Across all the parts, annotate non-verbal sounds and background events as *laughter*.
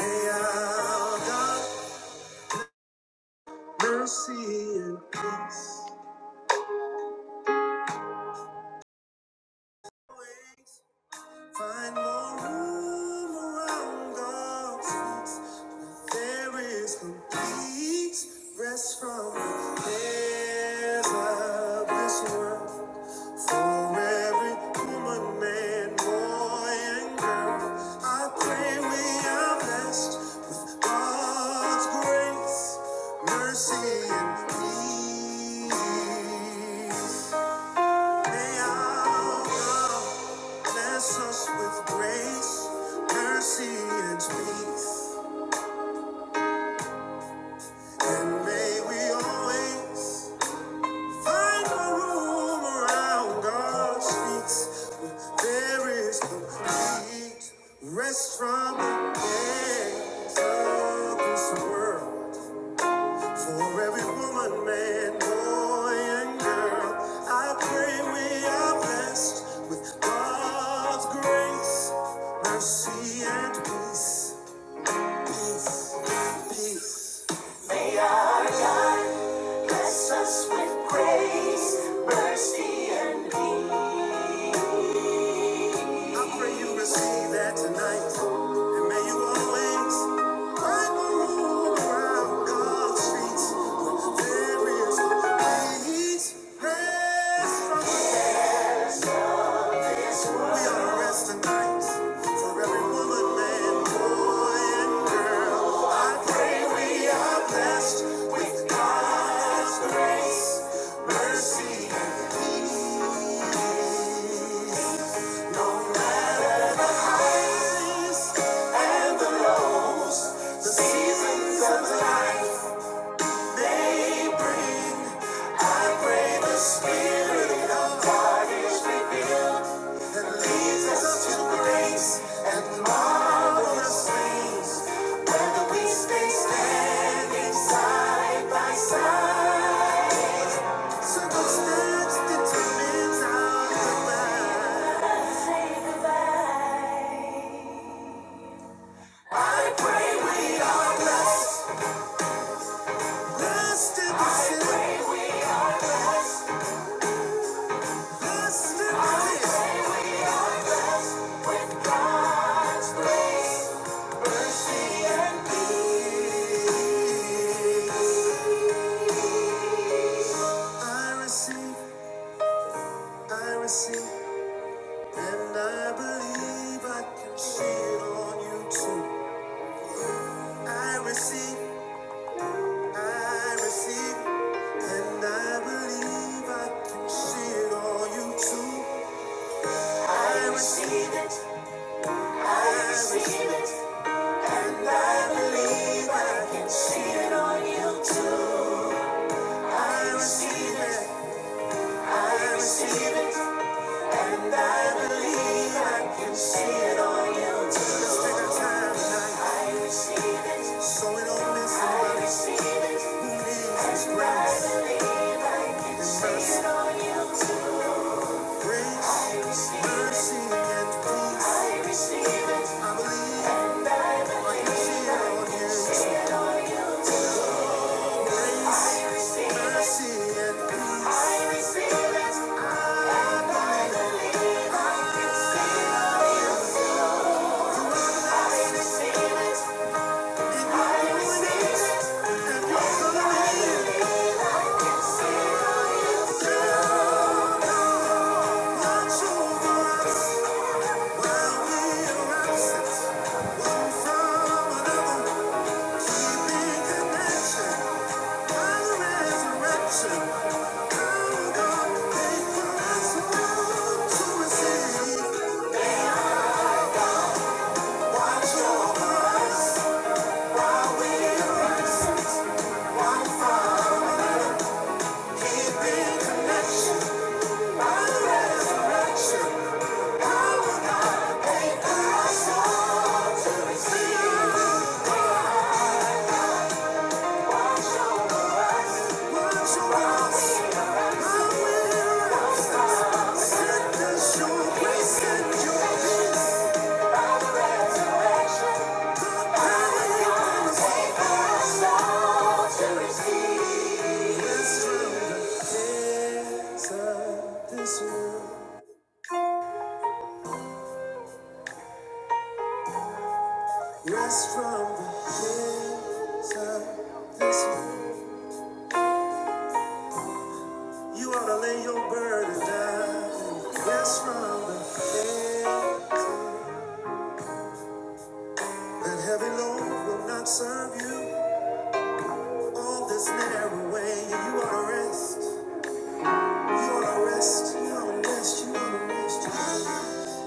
May our God mercy and peace. Find more room around God's feet. There is complete rest from the cares of this world. For every woman, man, boy, and girl, I pray we are blessed with God's grace, mercy, and peace. May our God bless us with grace, mercy, and peace. And may we always find a room around God's feet. There is complete rest from the cares of this world. For every woman, man, boy, and girl, I pray we are blessed with God's grace, mercy, and peace. Peace, peace. Our God Bless us with grace, mercy, and. peace. I pray you receive that tonight, and may you always find the room around God's feet. There is peace, rest from we are to rest tonight for every woman, man, boy, and girl. I pray we are blessed with God's grace, mercy, and peace. No matter and the lows, the seasons of life they bring. I pray the Spirit of God that leads us to grace and marvelous things. Whether we stay standing side by side, circumstance determines our demise. Blessed, blessed is the blessed is the Mercy and peace. I receive, I receive, and I believe I can see it on you too. I receive, I receive, and I believe I can see it on you too. I receive, I receive it, and I believe I can see it. I receive it, I receive it, I believe. Let's take our time tonight. I receive. So we it all is it. who lives is grace and mercy, grace, mercy, and peace. I believe I can see it on you. Grace, mercy, and peace. And your goodness and your glory shall watch over us while we are absent. One from another, keeping connection by the resurrection. Receive. Rest from the cares of this world. Rest from the cares of this world. You ought to lay your burden down. Rest from the cares. That heavy load will not serve you. All this narrow way, you ought to rest. You ought to rest. You ought to rest. You ought to rest. You ought to rest.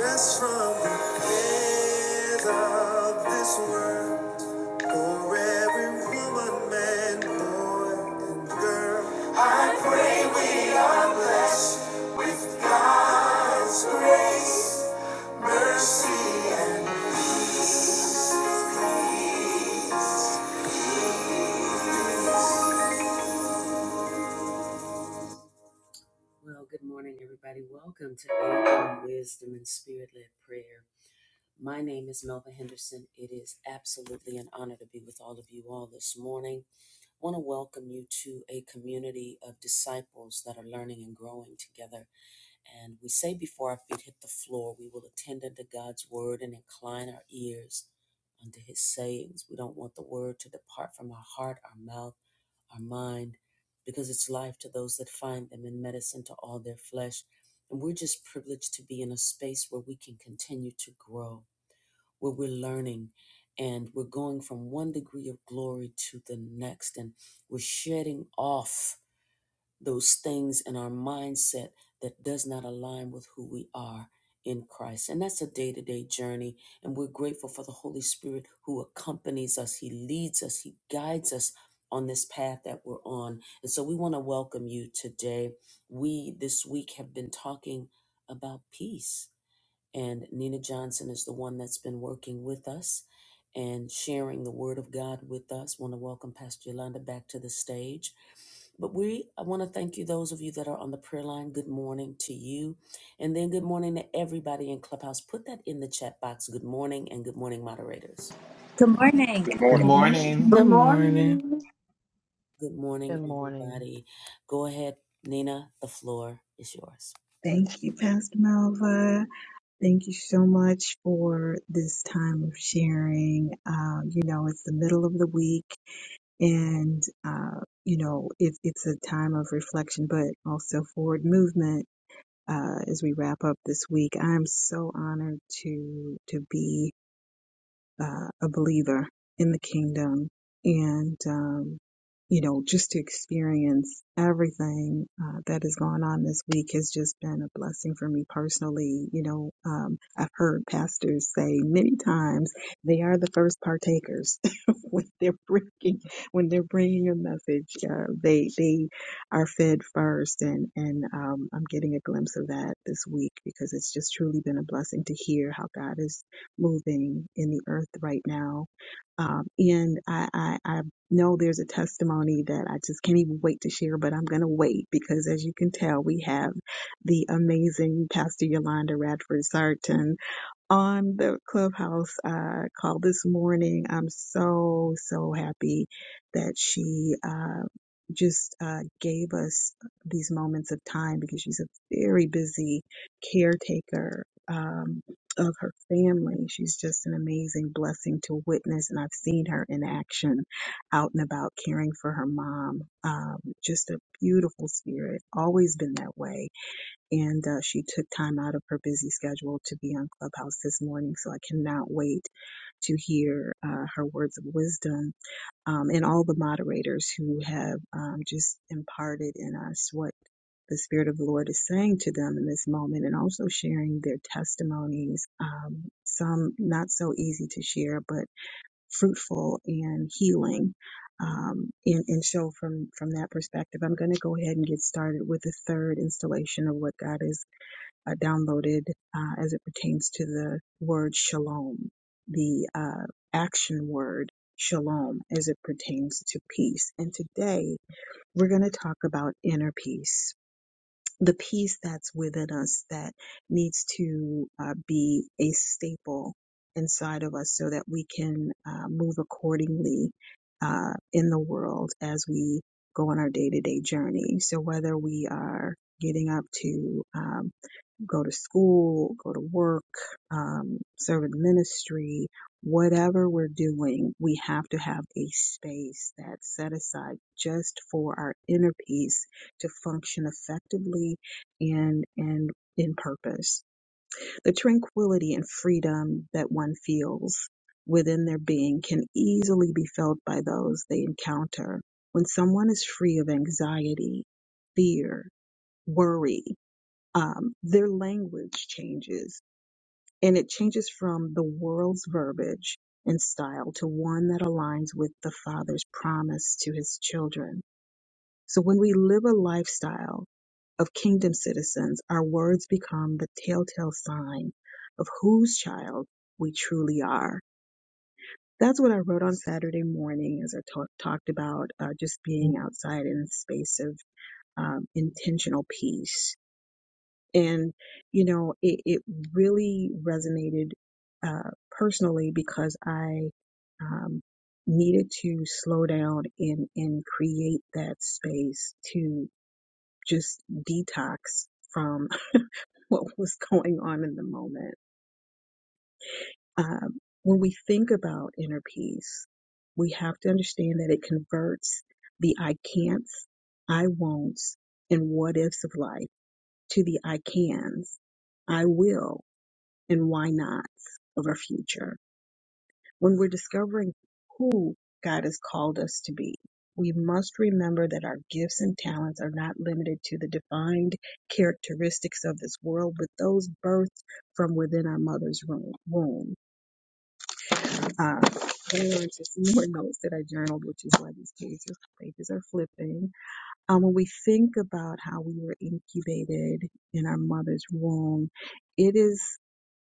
Rest from the cares of this world. For every woman, man, boy, and girl. Good morning. Good Good morning. Good morning. morning. Good Good morning. morning. Good morning. Thank you, Pastor Malva. Thank you so much for this time of sharing. Uh, you know, it's the middle of the week, and uh, you know, it's it's a time of reflection, but also forward movement. Uh, as we wrap up this week, I'm so honored to to be uh, a believer in the kingdom and um, you know just to experience everything uh, that has gone on this week has just been a blessing for me personally you know um, i've heard pastors say many times they are the first partakers *laughs* when they're bringing when they're bringing a message uh, they they are fed first and and um, i'm getting a glimpse of that this week because it's just truly been a blessing to hear how god is moving in the earth right now. Um, and I, I, I know there's a testimony that I just can't even wait to share, but I'm going to wait because as you can tell, we have the amazing Pastor Yolanda Radford Sarton on the clubhouse uh, call this morning. I'm so, so happy that she uh, just uh, gave us these moments of time because she's a very busy caretaker um, of her family. She's just an amazing blessing to witness, and I've seen her in action out and about caring for her mom. Um, just a beautiful spirit, always been that way and uh, she took time out of her busy schedule to be on Clubhouse this morning. So I cannot wait to hear uh, her words of wisdom um, and all the moderators who have um, just imparted in us what the Spirit of the Lord is saying to them in this moment and also sharing their testimonies, um, some not so easy to share, but fruitful and healing. Um, and, and so from, from that perspective, I'm going to go ahead and get started with the third installation of what God is uh, downloaded uh, as it pertains to the word shalom, the uh, action word shalom as it pertains to peace. And today we're going to talk about inner peace, the peace that's within us that needs to uh, be a staple inside of us so that we can uh, move accordingly uh, in the world as we go on our day to day journey. So whether we are getting up to um, go to school, go to work, um, serve in ministry, whatever we're doing, we have to have a space that's set aside just for our inner peace to function effectively and, and in purpose. The tranquility and freedom that one feels within their being can easily be felt by those they encounter. When someone is free of anxiety, fear, worry, um, their language changes and it changes from the world's verbiage and style to one that aligns with the father's promise to his children. So when we live a lifestyle of kingdom citizens, our words become the telltale sign of whose child we truly are. That's what I wrote on Saturday morning as I talk, talked about uh, just being outside in a space of um, intentional peace And, you know, it, it really resonated uh, personally because I um, needed to slow down and, and create that space to just detox from *laughs* what was going on in the moment. Um, when we think about inner peace, we have to understand that it converts the I can'ts, I won'ts, and what ifs of life to the I cans, I will, and why nots of our future. When we're discovering who God has called us to be, we must remember that our gifts and talents are not limited to the defined characteristics of this world, but those birthed from within our mother's room- womb. Uh, going on to some more *laughs* notes that I journaled, which is why these pages pages are flipping. Um, when we think about how we were incubated in our mother's womb, it is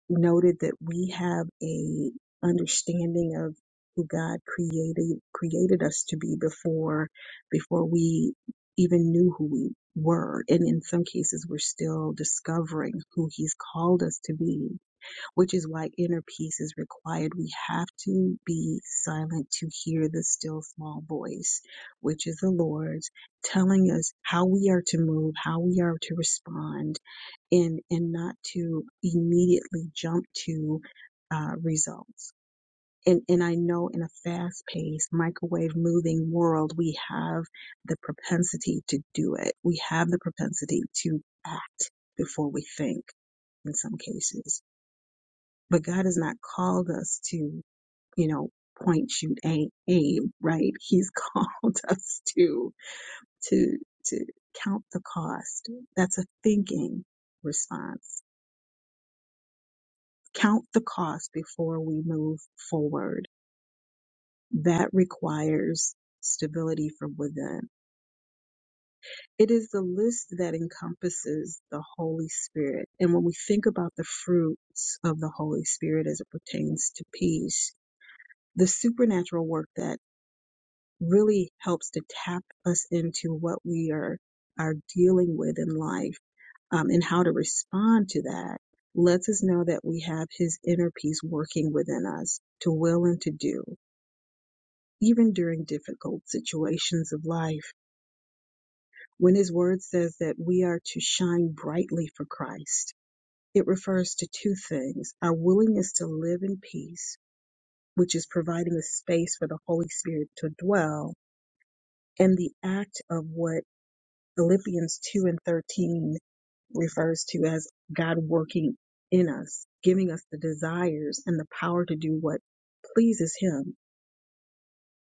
noted that we have a understanding of who God created created us to be before before we even knew who we were and in some cases we're still discovering who he's called us to be which is why inner peace is required we have to be silent to hear the still small voice which is the lord's telling us how we are to move how we are to respond and and not to immediately jump to uh, results. And and I know in a fast-paced microwave moving world, we have the propensity to do it. We have the propensity to act before we think in some cases. But God has not called us to, you know, point, shoot, aim, aim, right? He's called *laughs* us to, to, to count the cost. That's a thinking response count the cost before we move forward. That requires stability from within. It is the list that encompasses the Holy Spirit. And when we think about the fruits of the Holy Spirit as it pertains to peace, the supernatural work that really helps to tap us into what we are are dealing with in life um, and how to respond to that lets us know that we have his inner peace working within us to will and to do. even during difficult situations of life. When his word says that we are to shine brightly for Christ, it refers to two things our willingness to live in peace, which is providing a space for the Holy Spirit to dwell, and the act of what Philippians 2 and 13 refers to as God working in us, giving us the desires and the power to do what pleases Him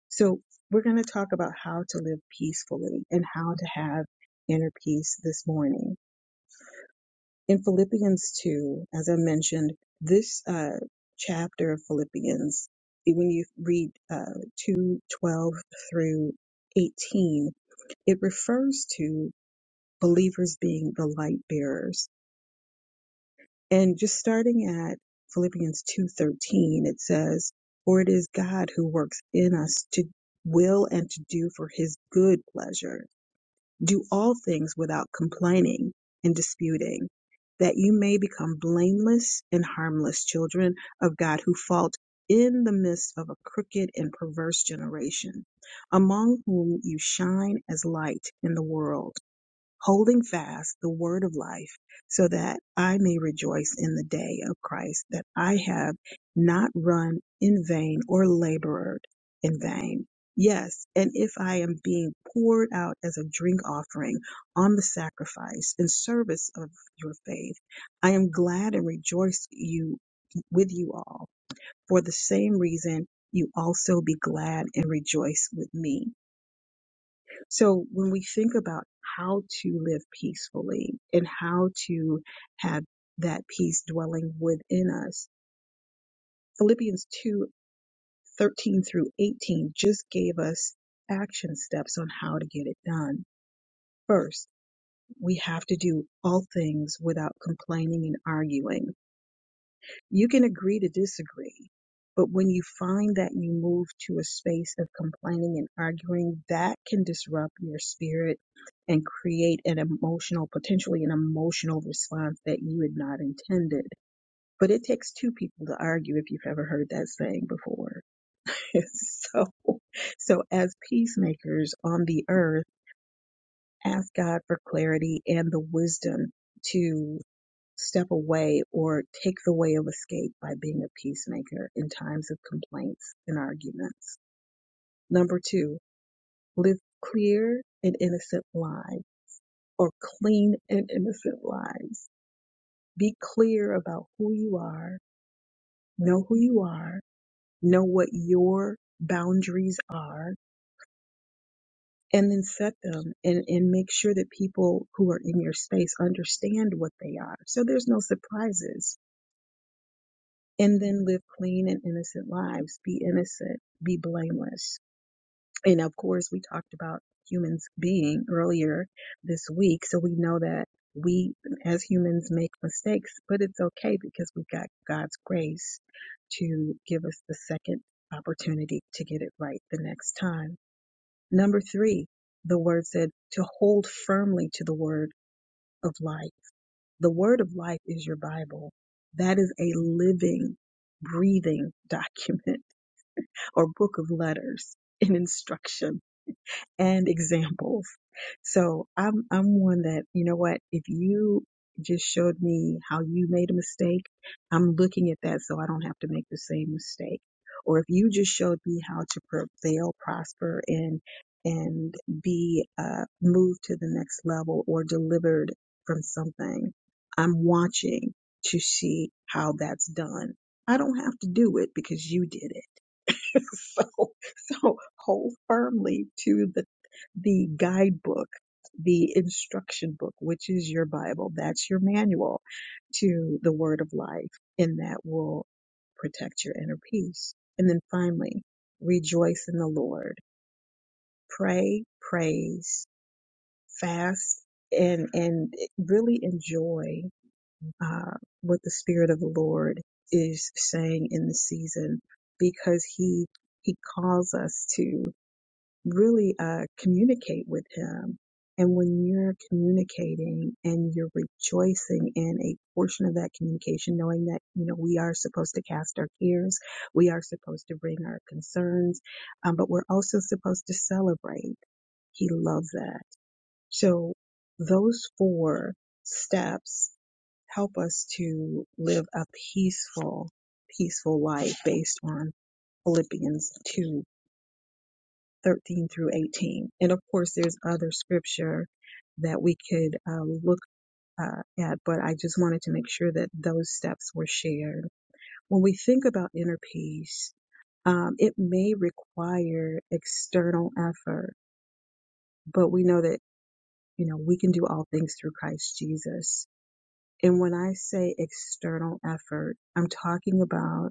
So we're going to talk about how to live peacefully and how to have inner peace this morning. In Philippians 2, as I mentioned, this uh, chapter of Philippians, when you read uh, 2 twelve through 18, it refers to believers being the light bearers. And just starting at Philippians 2:13, it says, "For it is God who works in us to will and to do for his good pleasure." Do all things without complaining and disputing, that you may become blameless and harmless children of God who fault in the midst of a crooked and perverse generation, among whom you shine as light in the world holding fast the word of life, so that I may rejoice in the day of Christ, that I have not run in vain or labored in vain. Yes, and if I am being poured out as a drink offering on the sacrifice and service of your faith, I am glad and rejoice you with you all. For the same reason, you also be glad and rejoice with me. So when we think about how to live peacefully and how to have that peace dwelling within us, Philippians 2 13 through 18 just gave us action steps on how to get it done. First, we have to do all things without complaining and arguing. You can agree to disagree, but when you find that you move to a space of complaining and arguing, that can disrupt your spirit and create an emotional, potentially an emotional response that you had not intended. But it takes two people to argue if you've ever heard that saying before. *laughs* so, so as peacemakers on the earth, ask God for clarity and the wisdom to step away or take the way of escape by being a peacemaker in times of complaints and arguments. Number two, live clear and innocent lives or clean and innocent lives. Be clear about who you are, know who you are, know what your boundaries are, and then set them and, and make sure that people who are in your space understand what they are. So there's no surprises and then live clean and innocent lives. Be innocent, be blameless. And of course, we talked about humans being earlier this week, so we know that we as humans make mistakes, but it's okay because we've got God's grace to give us the second opportunity to get it right the next time. Number three, the word said to hold firmly to the word of life the word of life is your Bible. That is a living, breathing *laughs* document or book of letters and instruction and examples. So I'm I'm one that you know what if you just showed me how you made a mistake, I'm looking at that so I don't have to make the same mistake. Or if you just showed me how to prevail, prosper, and and be uh, moved to the next level or delivered from something, I'm watching to see how that's done. I don't have to do it because you did it. *laughs* so so hold firmly to the the guidebook, the instruction book, which is your Bible. That's your manual to the word of life, and that will protect your inner peace. And then finally, rejoice in the Lord. Pray, praise, fast, and and really enjoy uh, what the Spirit of the Lord is saying in the season, because He He calls us to really uh, communicate with him. And when you're communicating and you're rejoicing in a portion of that communication, knowing that, you know, we are supposed to cast our cares, we are supposed to bring our concerns, um, but we're also supposed to celebrate. He loves that. So those four steps help us to live a peaceful, peaceful life based on Philippians 2 13 through 18. And of course, there's other scripture that we could uh, look uh, at, but I just wanted to make sure that those steps were shared. When we think about inner peace, um, it may require external effort, but we know that, you know, we can do all things through Christ Jesus. And when I say external effort, I'm talking about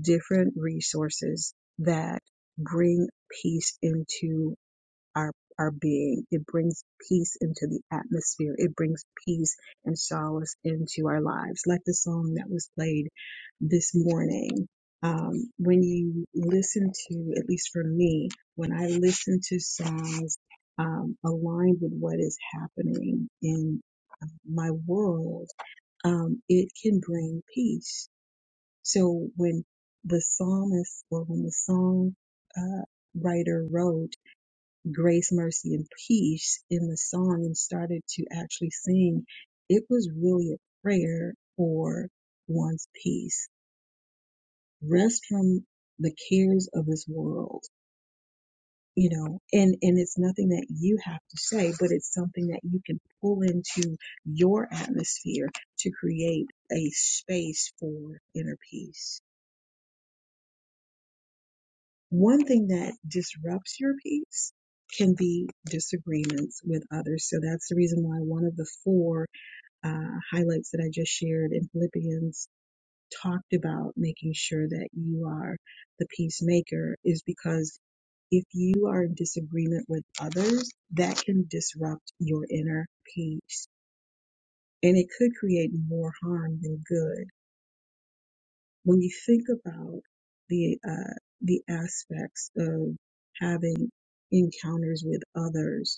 different resources that bring peace into our our being. It brings peace into the atmosphere. It brings peace and solace into our lives. Like the song that was played this morning. Um, when you listen to, at least for me, when I listen to songs um, aligned with what is happening in uh, my world, um, it can bring peace. So when the psalmist or when the song uh, writer wrote grace, mercy, and peace in the song and started to actually sing, it was really a prayer for one's peace. Rest from the cares of this world, you know, and, and it's nothing that you have to say, but it's something that you can pull into your atmosphere to create a space for inner peace. One thing that disrupts your peace can be disagreements with others. So that's the reason why one of the four uh, highlights that I just shared in Philippians talked about making sure that you are the peacemaker is because if you are in disagreement with others, that can disrupt your inner peace and it could create more harm than good. When you think about the, uh, the aspects of having encounters with others,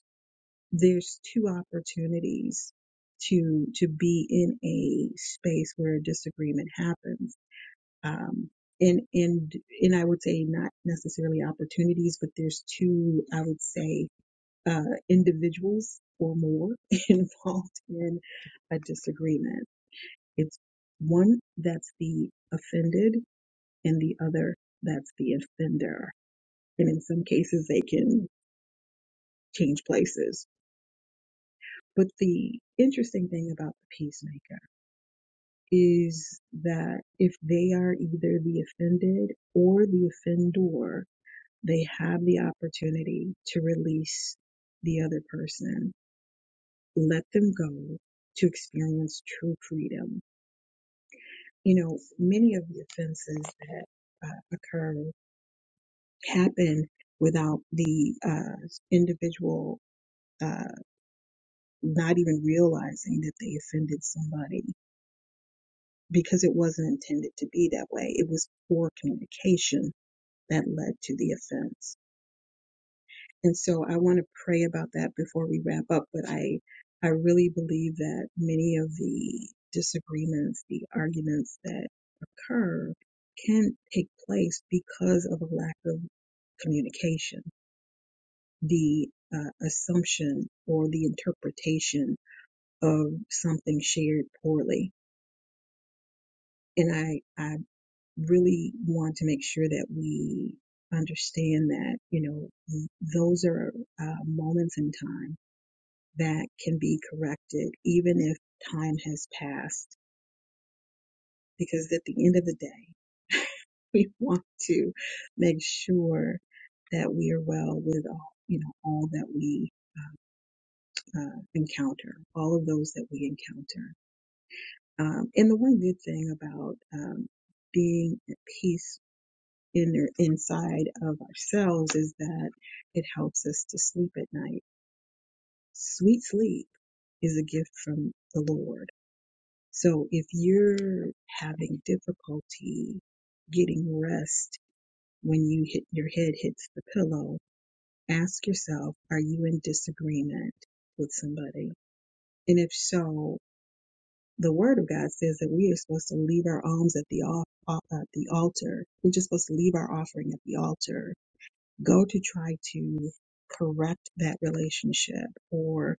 there's two opportunities to to be in a space where a disagreement happens um and and and i would say not necessarily opportunities but there's two i would say uh individuals or more *laughs* involved in a disagreement it's one that's the offended and the other that's the offender and in some cases they can change places but the interesting thing about the peacemaker is that if they are either the offended or the offender, they have the opportunity to release the other person, let them go to experience true freedom. You know, many of the offenses that uh, occur happen without the uh, individual uh, not even realizing that they offended somebody because it wasn't intended to be that way. It was poor communication that led to the offense. And so I want to pray about that before we wrap up, but I I really believe that many of the disagreements, the arguments that occur can take place because of a lack of communication, the uh, assumption or the interpretation of something shared poorly. And I, I really want to make sure that we understand that, you know, those are uh, moments in time that can be corrected, even if time has passed. Because at the end of the day, *laughs* we want to make sure that we are well with all, you know, all that we uh, uh, encounter, all of those that we encounter. Um, and the one good thing about um, being at peace inner inside of ourselves is that it helps us to sleep at night. Sweet sleep is a gift from the Lord. So if you're having difficulty getting rest when you hit your head hits the pillow, ask yourself, are you in disagreement with somebody? And if so, the word of God says that we are supposed to leave our alms at the al- uh, at the altar. We're just supposed to leave our offering at the altar go to try to correct that relationship or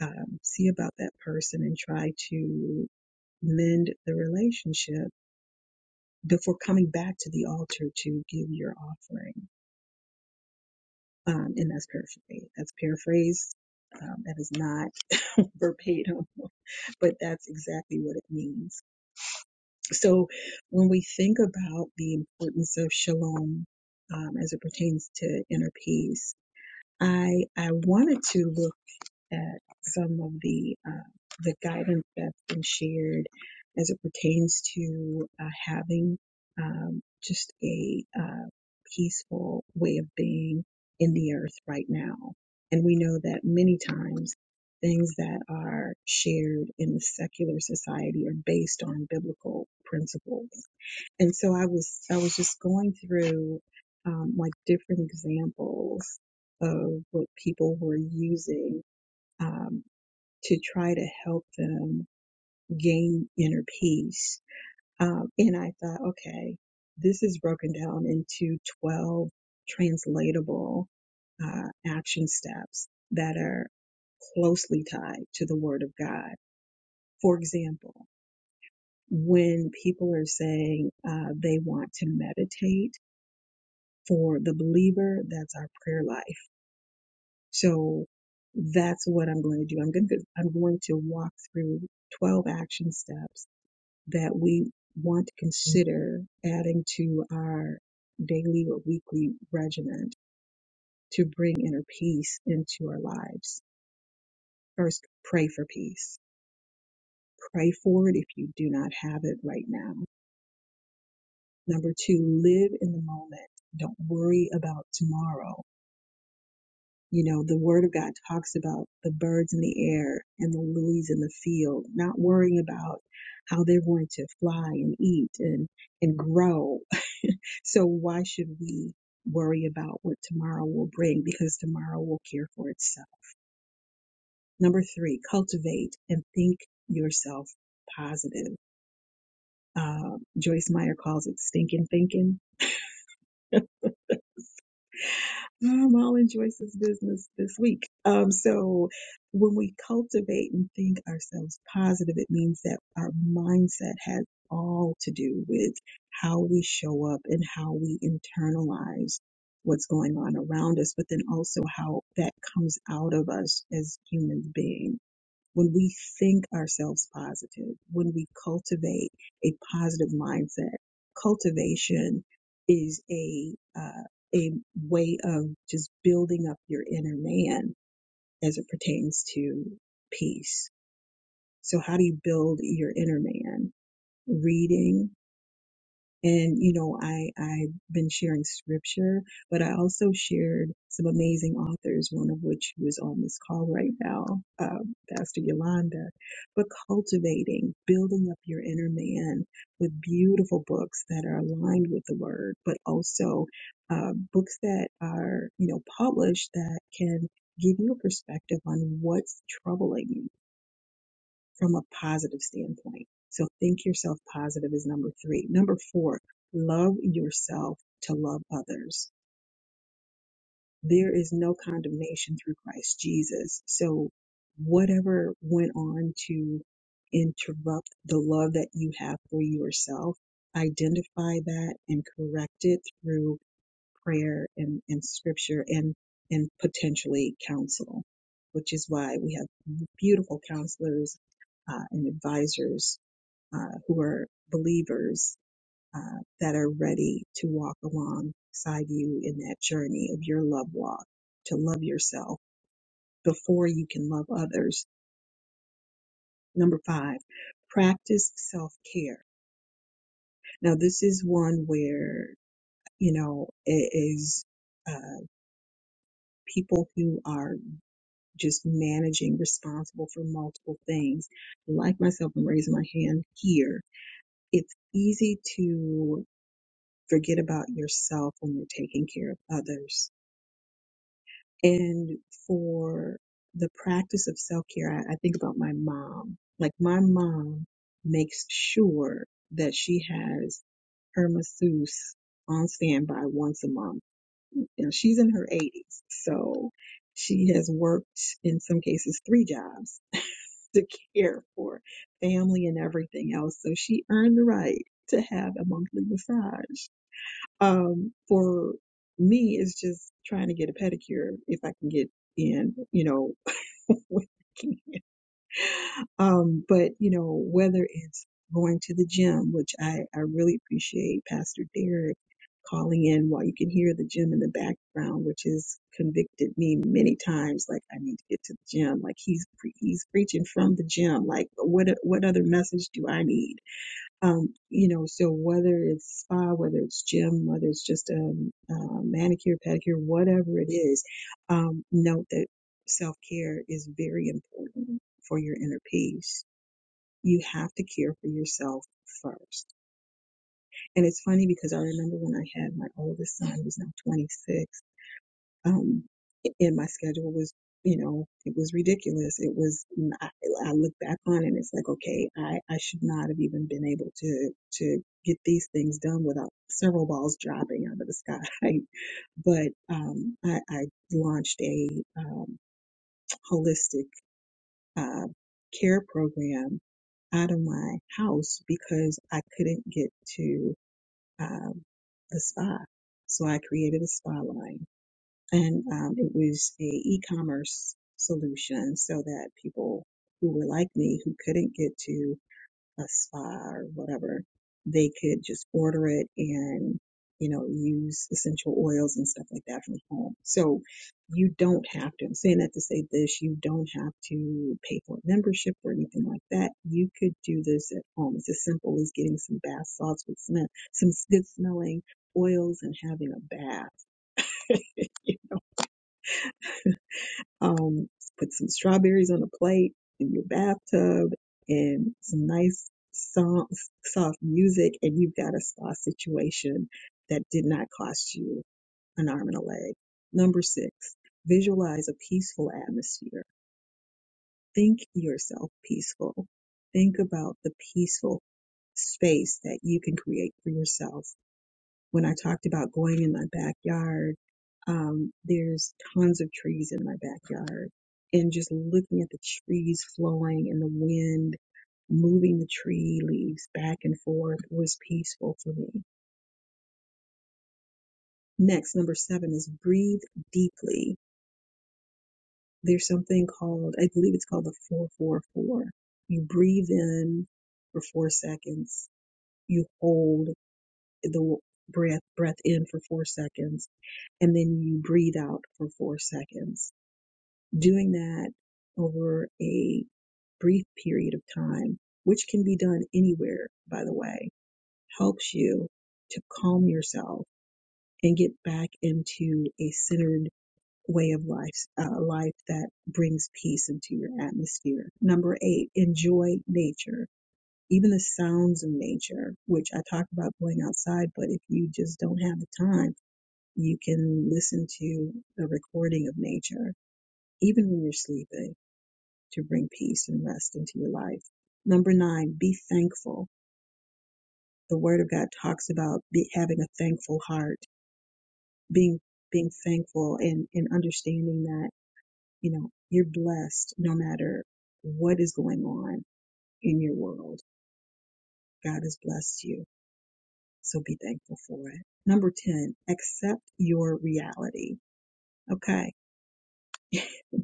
um, see about that person and try to mend the relationship before coming back to the altar to give your offering. Um, and that's paraphrased. That's paraphrased. Um, that is not *laughs* verbatim, but that's exactly what it means. So when we think about the importance of shalom um, as it pertains to inner peace, I I wanted to look at some of the uh, the guidance that's been shared as it pertains to uh, having um, just a uh, peaceful way of being in the earth right now. And we know that many times things that are shared in the secular society are based on biblical principles. And so I was I was just going through um, like different examples of what people were using um, to try to help them gain inner peace. Um, and I thought, okay, this is broken down into 12 translatable uh, action steps that are closely tied to the Word of God. For example, when people are saying uh, they want to meditate, for the believer, that's our prayer life. So that's what I'm going to do. I'm going to I'm going to walk through 12 action steps that we want to consider adding to our daily or weekly regimen to bring inner peace into our lives. First, pray for peace. Pray for it if you do not have it right now. Number two, live in the moment. Don't worry about tomorrow You know, the word of God talks about the birds in the air and the lilies in the field, not worrying about how they're going to fly and eat and, and grow. *laughs* So why should we worry about what tomorrow will bring? Because tomorrow will care for itself. Number three, cultivate and think yourself positive. Uh, Joyce Meyer calls it stinking thinking I'm all in Joyce's business this week. Um, so when we cultivate and think ourselves positive, it means that our mindset has all to do with how we show up and how we internalize what's going on around us, but then also how that comes out of us as human beings when we think ourselves positive, when we cultivate a positive mindset, cultivation is a uh, a way of just building up your inner man as it pertains to peace. So, how do you build your inner man? Reading, and, you know, I, I've been sharing scripture, but I also shared some amazing authors, one of which who is on this call right now, uh, Pastor Yolanda, but cultivating, building up your inner man with beautiful books that are aligned with the word, but also uh, books that are, you know, published that can give you a perspective on what's troubling you from a positive standpoint. So think yourself positive is number three. Number four, love yourself to love others. There is no condemnation through Christ Jesus. So whatever went on to interrupt the love that you have for yourself, identify that and correct it through prayer and, and scripture and, and potentially counsel, which is why we have beautiful counselors uh, and advisors uh, who are believers uh, that are ready to walk alongside you in that journey of your love walk, to love yourself before you can love others. Number five, practice self care. Now, this is one where, you know, it is uh, people who are just managing, responsible for multiple things. Like myself, I'm raising my hand here. It's easy to forget about yourself when you're taking care of others. And for the practice of self care, I, I think about my mom. Like my mom makes sure that she has her masseuse on standby once a month. Now she's in her 80s, so she has worked in some cases three jobs *laughs* to care for family and everything else. So she earned the right to have a monthly massage. Um, for me, it's just trying to get a pedicure if I can get in, you know, *laughs* when I can. um, but you know, whether it's going to the gym, which I, I really appreciate Pastor Derek calling in while you can hear the gym in the background, which has convicted me many times. Like I need to get to the gym. Like he's, pre- he's preaching from the gym. Like what, what other message do I need? Um, you know, so whether it's spa, whether it's gym, whether it's just um, uh, manicure, pedicure, whatever it is, um, note that self care is very important for your inner peace. You have to care for yourself first. And it's funny because I remember when I had my oldest son, he now 26 um, in my schedule was, you know, it was ridiculous. It was, I, I look back on it and it's like, okay, I, I should not have even been able to, to get these things done without several balls dropping out of the sky. *laughs* But, um, I, I launched a, um, holistic, uh, care program out of my house because I couldn't get to, um, the spa. So I created a spa line and um, it was a e-commerce solution so that people who were like me who couldn't get to a spa or whatever they could just order it and you know use essential oils and stuff like that from home so you don't have to i'm saying that to say this you don't have to pay for a membership or anything like that you could do this at home it's as simple as getting some bath salts with some, some good smelling oils and having a bath Um, put some strawberries on a plate in your bathtub and some nice soft, soft music and you've got a spa situation that did not cost you an arm and a leg. Number six, visualize a peaceful atmosphere. Think yourself peaceful. Think about the peaceful space that you can create for yourself when I talked about going in my backyard, um, there's tons of trees in my backyard. And just looking at the trees flowing and the wind moving the tree leaves back and forth was peaceful for me. Next, number seven is breathe deeply. There's something called, I believe it's called the 444. You breathe in for four seconds. You hold the breath, breath in for four seconds and then you breathe out for four seconds. Doing that over a brief period of time, which can be done anywhere, by the way, helps you to calm yourself and get back into a centered way of life, uh, life that brings peace into your atmosphere. Number eight, enjoy nature. Even the sounds of nature, which I talk about going outside, but if you just don't have the time, you can listen to a recording of nature, even when you're sleeping, to bring peace and rest into your life. Number nine, be thankful. The Word of God talks about be, having a thankful heart, being being thankful, and and understanding that you know you're blessed no matter what is going on in your world. God has blessed you, so be thankful for it. Number ten, accept your reality. Okay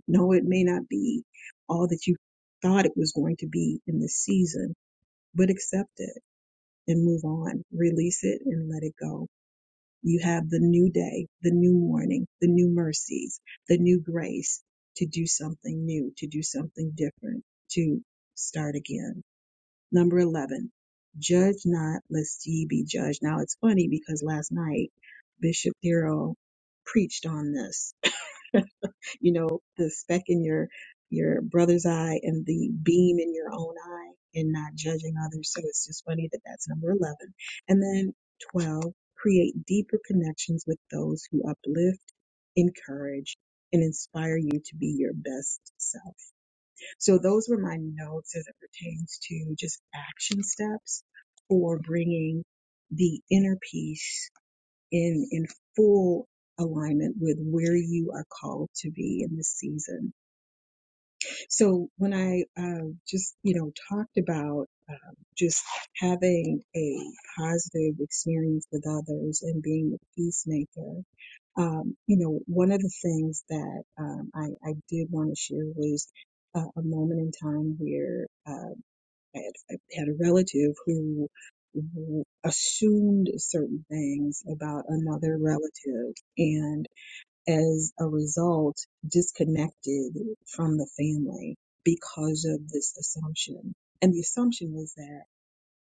No, it may not be all that you thought it was going to be in this season, but accept it and move on. Release it and let it go. You have the new day, the new morning, the new mercies, the new grace to do something new, to do something different, to start again. Number 11, judge not lest ye be judged. Now it's funny because last night Bishop Darrell preached on this you know, the speck in your your brother's eye and the beam in your own eye and not judging others. So it's just funny that that's number 11. And then 12, create deeper connections with those who uplift, encourage, and inspire you to be your best self. So those were my notes as it pertains to just action steps for bringing the inner peace in in full alignment with where you are called to be in this season. So when I uh, just you know talked about um, just having a positive experience with others and being a peacemaker, um, you know one of the things that um, I, I did want to share was. Uh, a moment in time where uh, I had, I had a relative who who assumed certain things about another relative and as a result disconnected from the family because of this assumption. And the assumption was that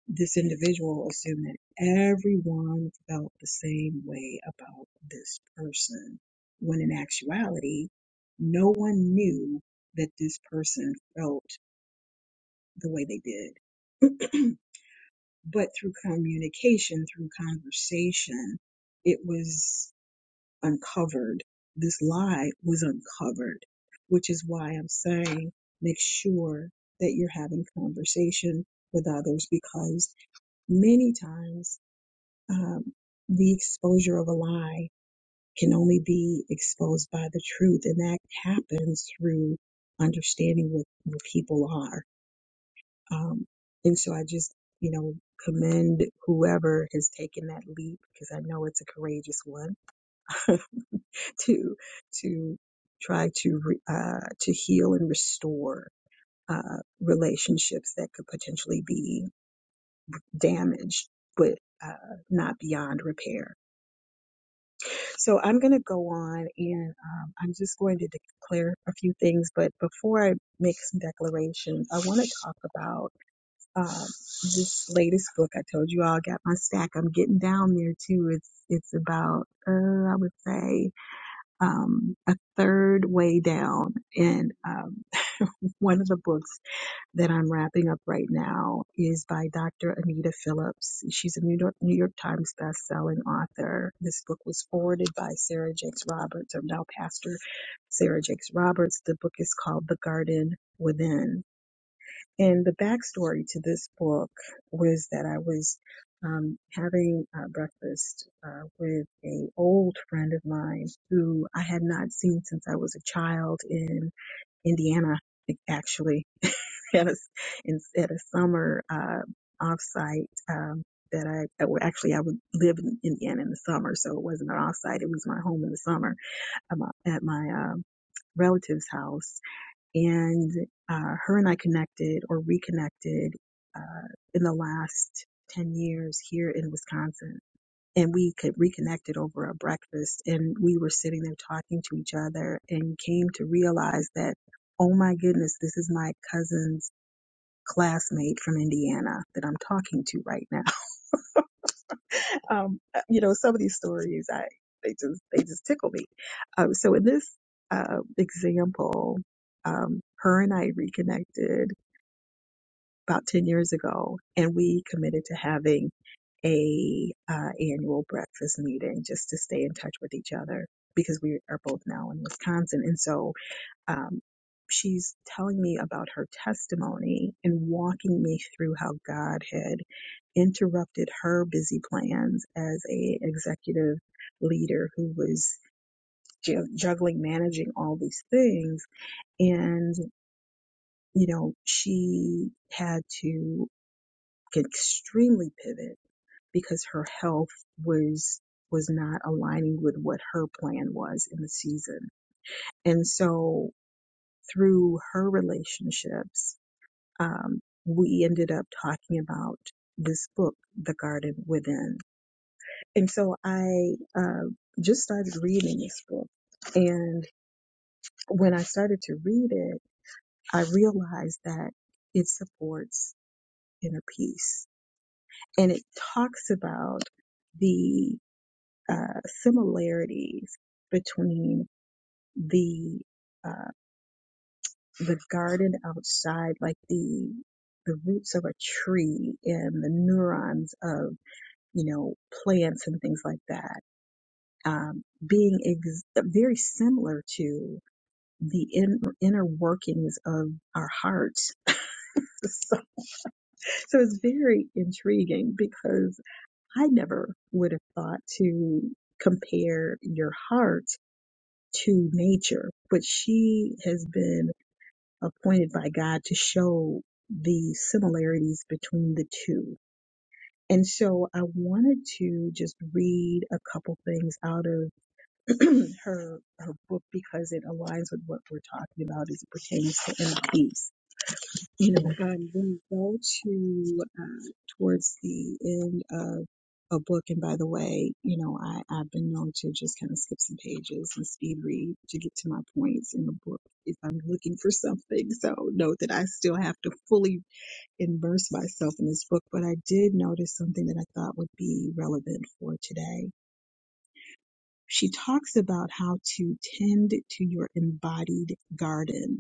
this individual assumed that everyone felt the same way about this person, when in actuality, no one knew that this person felt the way they did. *clears throat* but through communication, through conversation, it was uncovered. This lie was uncovered, which is why I'm saying make sure that you're having conversation with others because many times um, the exposure of a lie can only be exposed by the truth, and that happens through understanding what, what people are um, and so I just, you know, commend whoever has taken that leap because I know it's a courageous one *laughs* to to try to re- uh, to heal and restore uh, relationships that could potentially be damaged, but uh, not beyond repair. So I'm going to go on and um, I'm just going to declare a few things. But before I make some declarations, I want to talk about. uh, this latest book I told you all got my stack. I'm getting down there too. It's it's about uh, I would say um, a third way down, and um, one of the books that I'm wrapping up right now is by Dr. Anita Phillips. She's a New York New York Times best-selling author. This book was forwarded by Sarah Jakes Roberts, or now Pastor Sarah Jakes Roberts. The book is called The Garden Within and the backstory to this book was that I was um, having uh, breakfast uh, with a old friend of mine who I had not seen since I was a child in Indiana, actually, *laughs* at a, in, at a summer uh, offsite. Um, that I that were- actually I would live in Indiana in the summer, so it wasn't an offsite. It was my home in the summer at my, at my um, relative's house and uh, her and I connected or reconnected uh, in the last 10 years here in Wisconsin. And we could reconnected over a breakfast and we were sitting there talking to each other and came to realize that, oh my goodness, this is my cousin's classmate from Indiana that I'm talking to right now. *laughs* um, uh, you know, some of these stories, I, they just, they just tickle me. Um, so in this, uh, example, um, her and I reconnected about 10 years ago and we committed to having a uh, annual breakfast meeting just to stay in touch with each other because we are both now in wisconsin and so um, she's telling me about her testimony and walking me through how god had interrupted her busy plans as a executive leader who was ju- juggling managing all these things and you know she had to extremely pivot because her health was was not aligning with what her plan was in the season. And so through her relationships, um, we ended up talking about this book, The Garden Within. And so I uh, just started reading this book. And when I started to read it, I realized that it supports inner peace. And it talks about the uh, similarities between the uh, the garden outside, like the the roots of a tree and the neurons of you know plants and things like that, um, being ex- very similar to the in- inner workings of our hearts. *laughs* so, so it's very intriguing because I never would have thought to compare your heart to nature, but she has been appointed by God to show the similarities between the two. And so I wanted to just read a couple things out of *clears throat* her her book because it aligns with what we're talking about as it pertains to inner peace you know, um, we go to uh, towards the end of a book, and by the way, you know, I, I've been known to just kind of skip some pages and speed read to get to my points in the book if I'm looking for something. So note that I still have to fully immerse myself in this book, but I did notice something that I thought would be relevant for today. She talks about how to tend to your embodied garden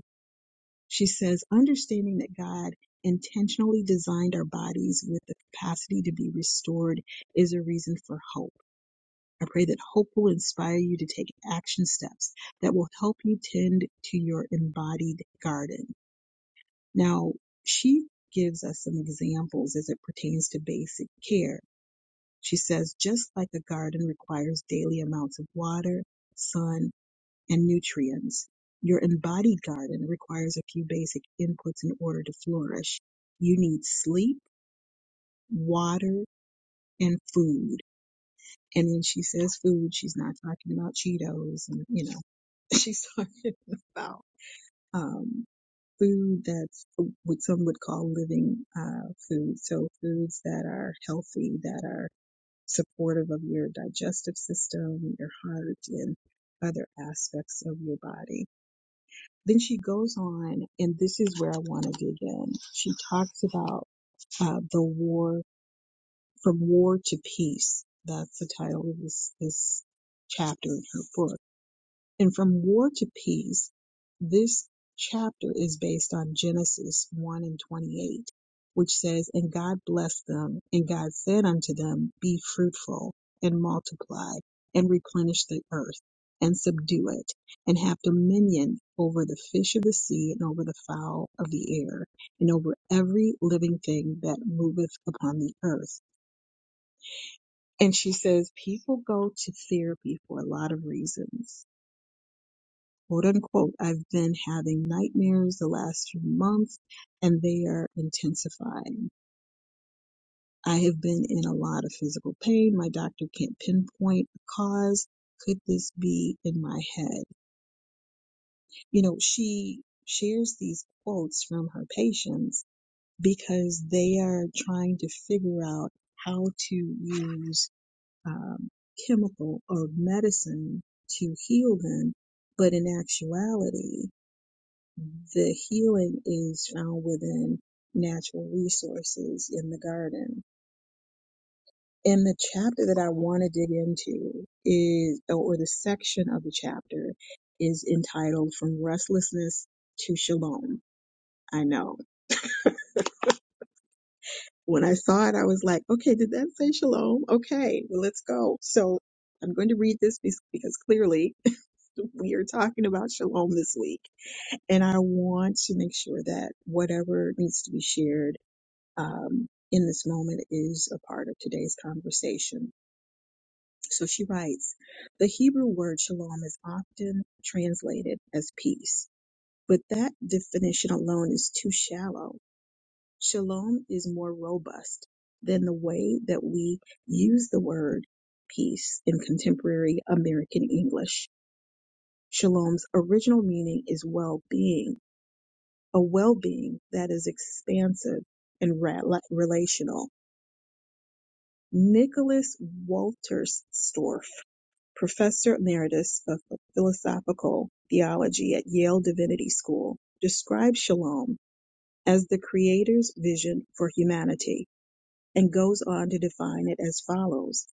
she says, understanding that God intentionally designed our bodies with the capacity to be restored is a reason for hope. I pray that hope will inspire you to take action steps that will help you tend to your embodied garden. Now, she gives us some examples as it pertains to basic care. She says, just like a garden requires daily amounts of water, sun, and nutrients. Your embodied garden requires a few basic inputs in order to flourish. You need sleep, water, and food. And when she says food, she's not talking about Cheetos and, you know, *laughs* she's talking about um, food that's what some would call living uh, food. So foods that are healthy, that are supportive of your digestive system, your heart, and other aspects of your body Then she goes on, and this is where I want to dig in. She talks about uh, the war, from war to peace. That's the title of this, this chapter in her book. And from war to peace, this chapter is based on Genesis 1 and 28, which says, And God blessed them, and God said unto them, Be fruitful, and multiply, and replenish the earth, and subdue it, and have dominion over the fish of the sea, and over the fowl of the air, and over every living thing that moveth upon the earth. And she says, People go to therapy for a lot of reasons quote unquote, I've been having nightmares the last few months and they are intensifying. I have been in a lot of physical pain. My doctor can't pinpoint the cause. Could this be in my head? You know, she shares these quotes from her patients because they are trying to figure out how to use um, chemical or medicine to heal them. But in actuality, The healing is found within natural resources in the garden. And the chapter that I want to dig into is, or the section of the chapter is entitled From Restlessness to Shalom. I know. When I saw it, I was like, okay, did that say shalom? Okay, well, let's go. So I'm going to read this because clearly *laughs* we are talking about shalom this week. And I want to make sure that whatever needs to be shared um, in this moment is a part of today's conversation. So she writes, the Hebrew word shalom is often translated as peace, but that definition alone is too shallow. Shalom is more robust than the way that we use the word peace in contemporary American English. Shalom's original meaning is well-being, a well-being that is expansive and ra- relational Nicholas Walterstorff, Professor Emeritus of Philosophical Theology at Yale Divinity School, describes shalom as the Creator's vision for humanity, and goes on to define it as follows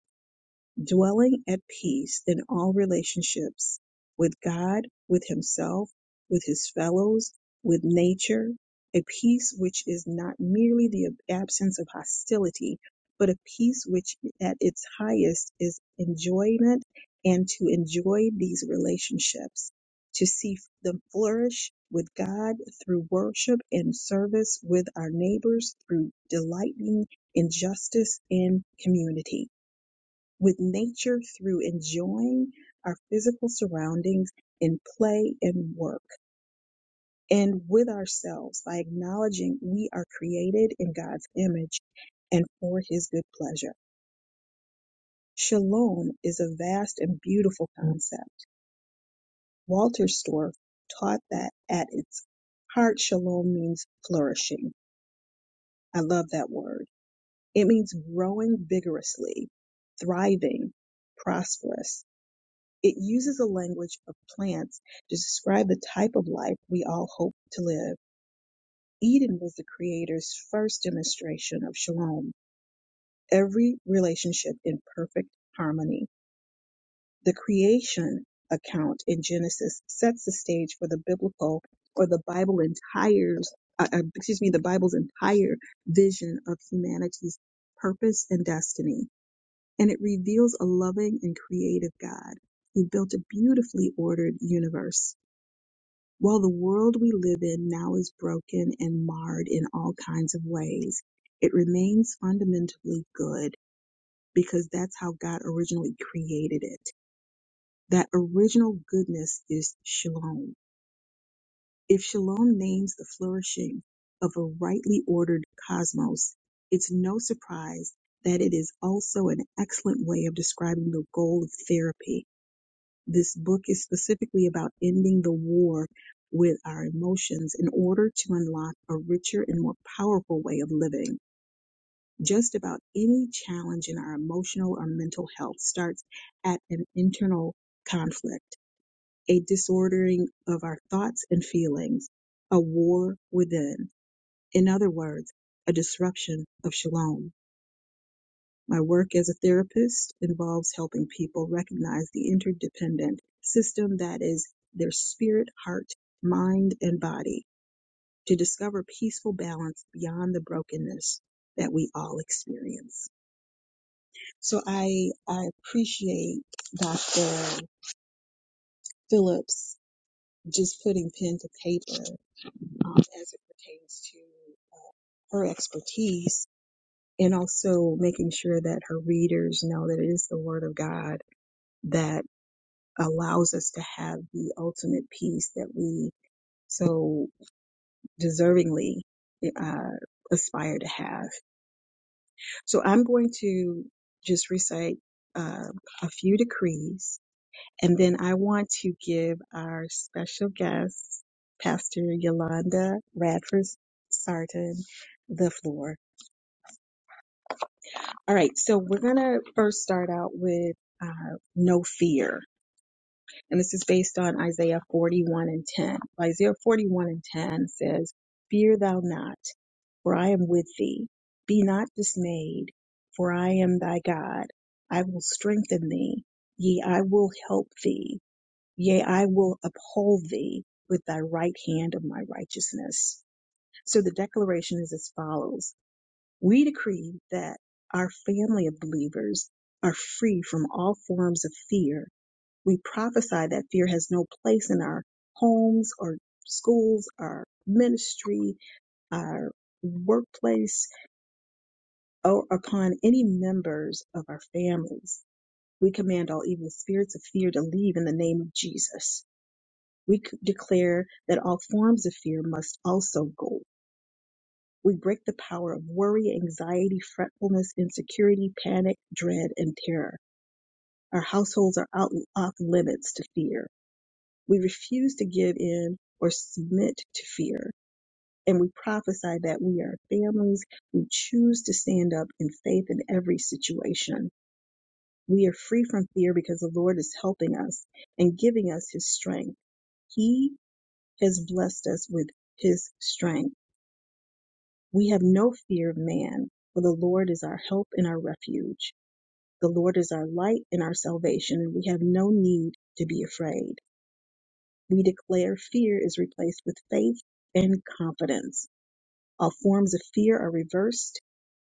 dwelling at peace in all relationships with God, with himself, with his fellows, with nature, a peace which is not merely the absence of hostility, but a peace which at its highest is enjoyment and to enjoy these relationships, to see them flourish with God through worship and service with our neighbors through delighting in justice and community with nature through enjoying our physical surroundings in play and work, and with ourselves by acknowledging we are created in God's image and for his good pleasure. Shalom is a vast and beautiful concept. Walter Storff taught that at its heart, shalom means flourishing. I love that word. It means growing vigorously, thriving, prosperous. It uses the language of plants to describe the type of life we all hope to live. Eden was the creator's first demonstration of shalom, every relationship in perfect harmony. The creation account in Genesis sets the stage for the biblical or the Bible entire, uh, uh, excuse me, the Bible's entire vision of humanity's purpose and destiny. And it reveals a loving and creative God who built a beautifully ordered universe. Well, the world we live in now is broken and marred in all kinds of ways. It remains fundamentally good because that's how God originally created it. That original goodness is shalom. If shalom names the flourishing of a rightly ordered cosmos, it's no surprise that it is also an excellent way of describing the goal of therapy this book is specifically about ending the war with our emotions in order to unlock a richer and more powerful way of living. Just about any challenge in our emotional or mental health starts at an internal conflict, a disordering of our thoughts and feelings, a war within. In other words, a disruption of shalom. My work as a therapist involves helping people recognize the interdependent system that is their spirit, heart, mind, and body to discover peaceful balance beyond the brokenness that we all experience. So I, I appreciate Dr. Phillips just putting pen to paper um, as it pertains to her expertise and also making sure that her readers know that it is the word of God that allows us to have the ultimate peace that we so deservingly uh, aspire to have. So I'm going to just recite uh, a few decrees, and then I want to give our special guest, Pastor Yolanda Radford Sarton, the floor. All right, so we're going to first start out with uh, no fear. And this is based on Isaiah 41 and 10. Isaiah 41 and 10 says, Fear thou not, for I am with thee. Be not dismayed, for I am thy God. I will strengthen thee. Yea, I will help thee. Yea, I will uphold thee with thy right hand of my righteousness. So the declaration is as follows. We decree that our family of believers are free from all forms of fear we prophesy that fear has no place in our homes our schools, our ministry, our workplace, or upon any members of our families. We command all evil spirits of fear to leave in the name of Jesus. We c- declare that all forms of fear must also go. We break the power of worry, anxiety, fretfulness, insecurity, panic, dread, and terror. Our households are out off limits to fear. We refuse to give in or submit to fear. And we prophesy that we are families who choose to stand up in faith in every situation. We are free from fear because the Lord is helping us and giving us his strength. He has blessed us with his strength. We have no fear of man, for the Lord is our help and our refuge. The Lord is our light and our salvation, and we have no need to be afraid. We declare fear is replaced with faith and confidence. All forms of fear are reversed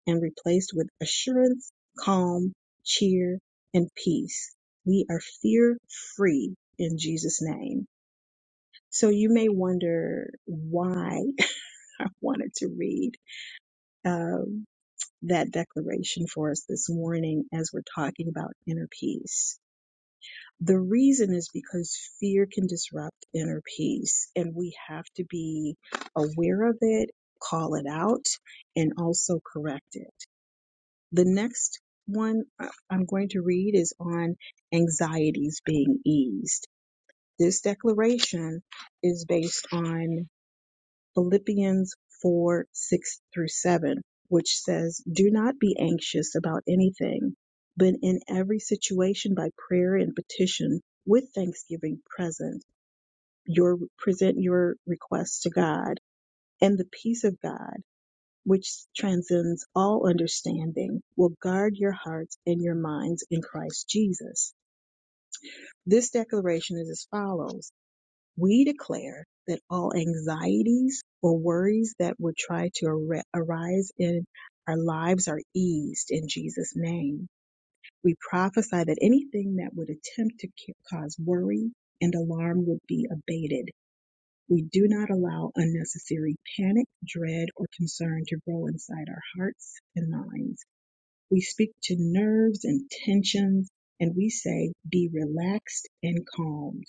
and replaced with assurance, calm, cheer, and peace. We are fear free in Jesus' name. So you may wonder why *laughs* I wanted to read um, that declaration for us this morning as we're talking about inner peace The reason is because fear can disrupt inner peace, and we have to be aware of it, call it out, and also correct it. The next one I- I'm going to read is on anxieties being eased. This declaration is based on Philippians 4, 6 through 7, which says, Do not be anxious about anything, but in every situation by prayer and petition with thanksgiving present, your present your requests to God, and the peace of God, which transcends all understanding, will guard your hearts and your minds in Christ Jesus. This declaration is as follows. We declare that all anxieties or worries that would try to ar- arise in our lives are eased in Jesus' name. We prophesy that anything that would attempt to ca- cause worry and alarm would be abated. We do not allow unnecessary panic, dread, or concern to grow inside our hearts and minds. We speak to nerves and tensions, and we say, be relaxed and calmed.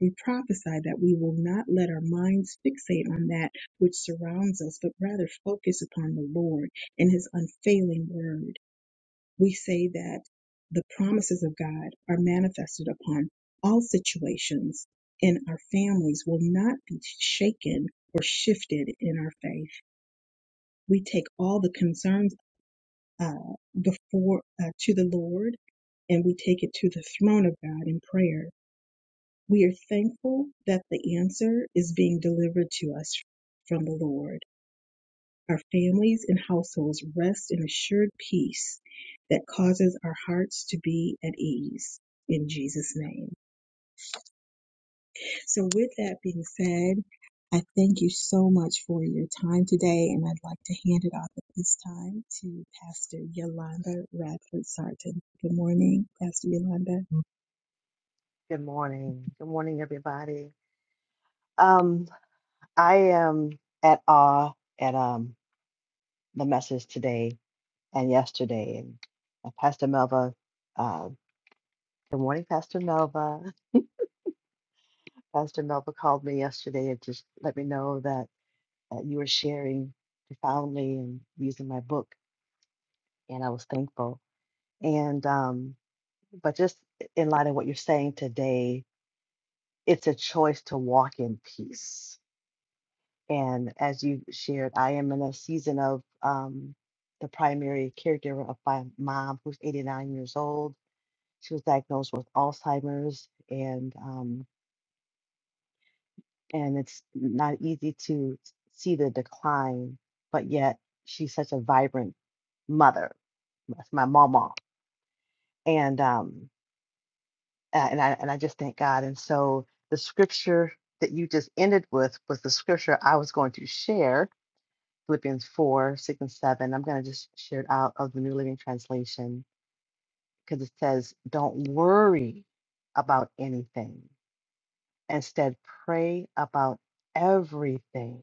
We prophesy that we will not let our minds fixate on that which surrounds us, but rather focus upon the Lord and His unfailing word. We say that the promises of God are manifested upon all situations, and our families will not be shaken or shifted in our faith. We take all the concerns uh, before uh, to the Lord, and we take it to the throne of God in prayer. We are thankful that the answer is being delivered to us from the Lord. Our families and households rest in assured peace that causes our hearts to be at ease in Jesus' name. So, with that being said, I thank you so much for your time today, and I'd like to hand it off at this time to Pastor Yolanda Radford Sarton. Good morning, Pastor Yolanda. Good morning. Good morning, everybody. Um, I am at awe at um the message today and yesterday. And uh, Pastor Melva, uh, good morning, Pastor Melva. *laughs* Pastor Melva called me yesterday and just let me know that uh, you were sharing profoundly and using my book, and I was thankful. And um, but just in light of what you're saying today, it's a choice to walk in peace And as you shared, I am in a season of um, the primary caregiver of my mom, who's 89 years old. She was diagnosed with Alzheimer's, and um, and it's not easy to see the decline, but yet she's such a vibrant mother. That's my mama, and um, a- and I and I just thank God. And so the scripture that you just ended with was the scripture I was going to share Philippians 4, 6, and 7. I'm going to just share it out of the New Living Translation because it says, Don't worry about anything. Instead, pray about everything.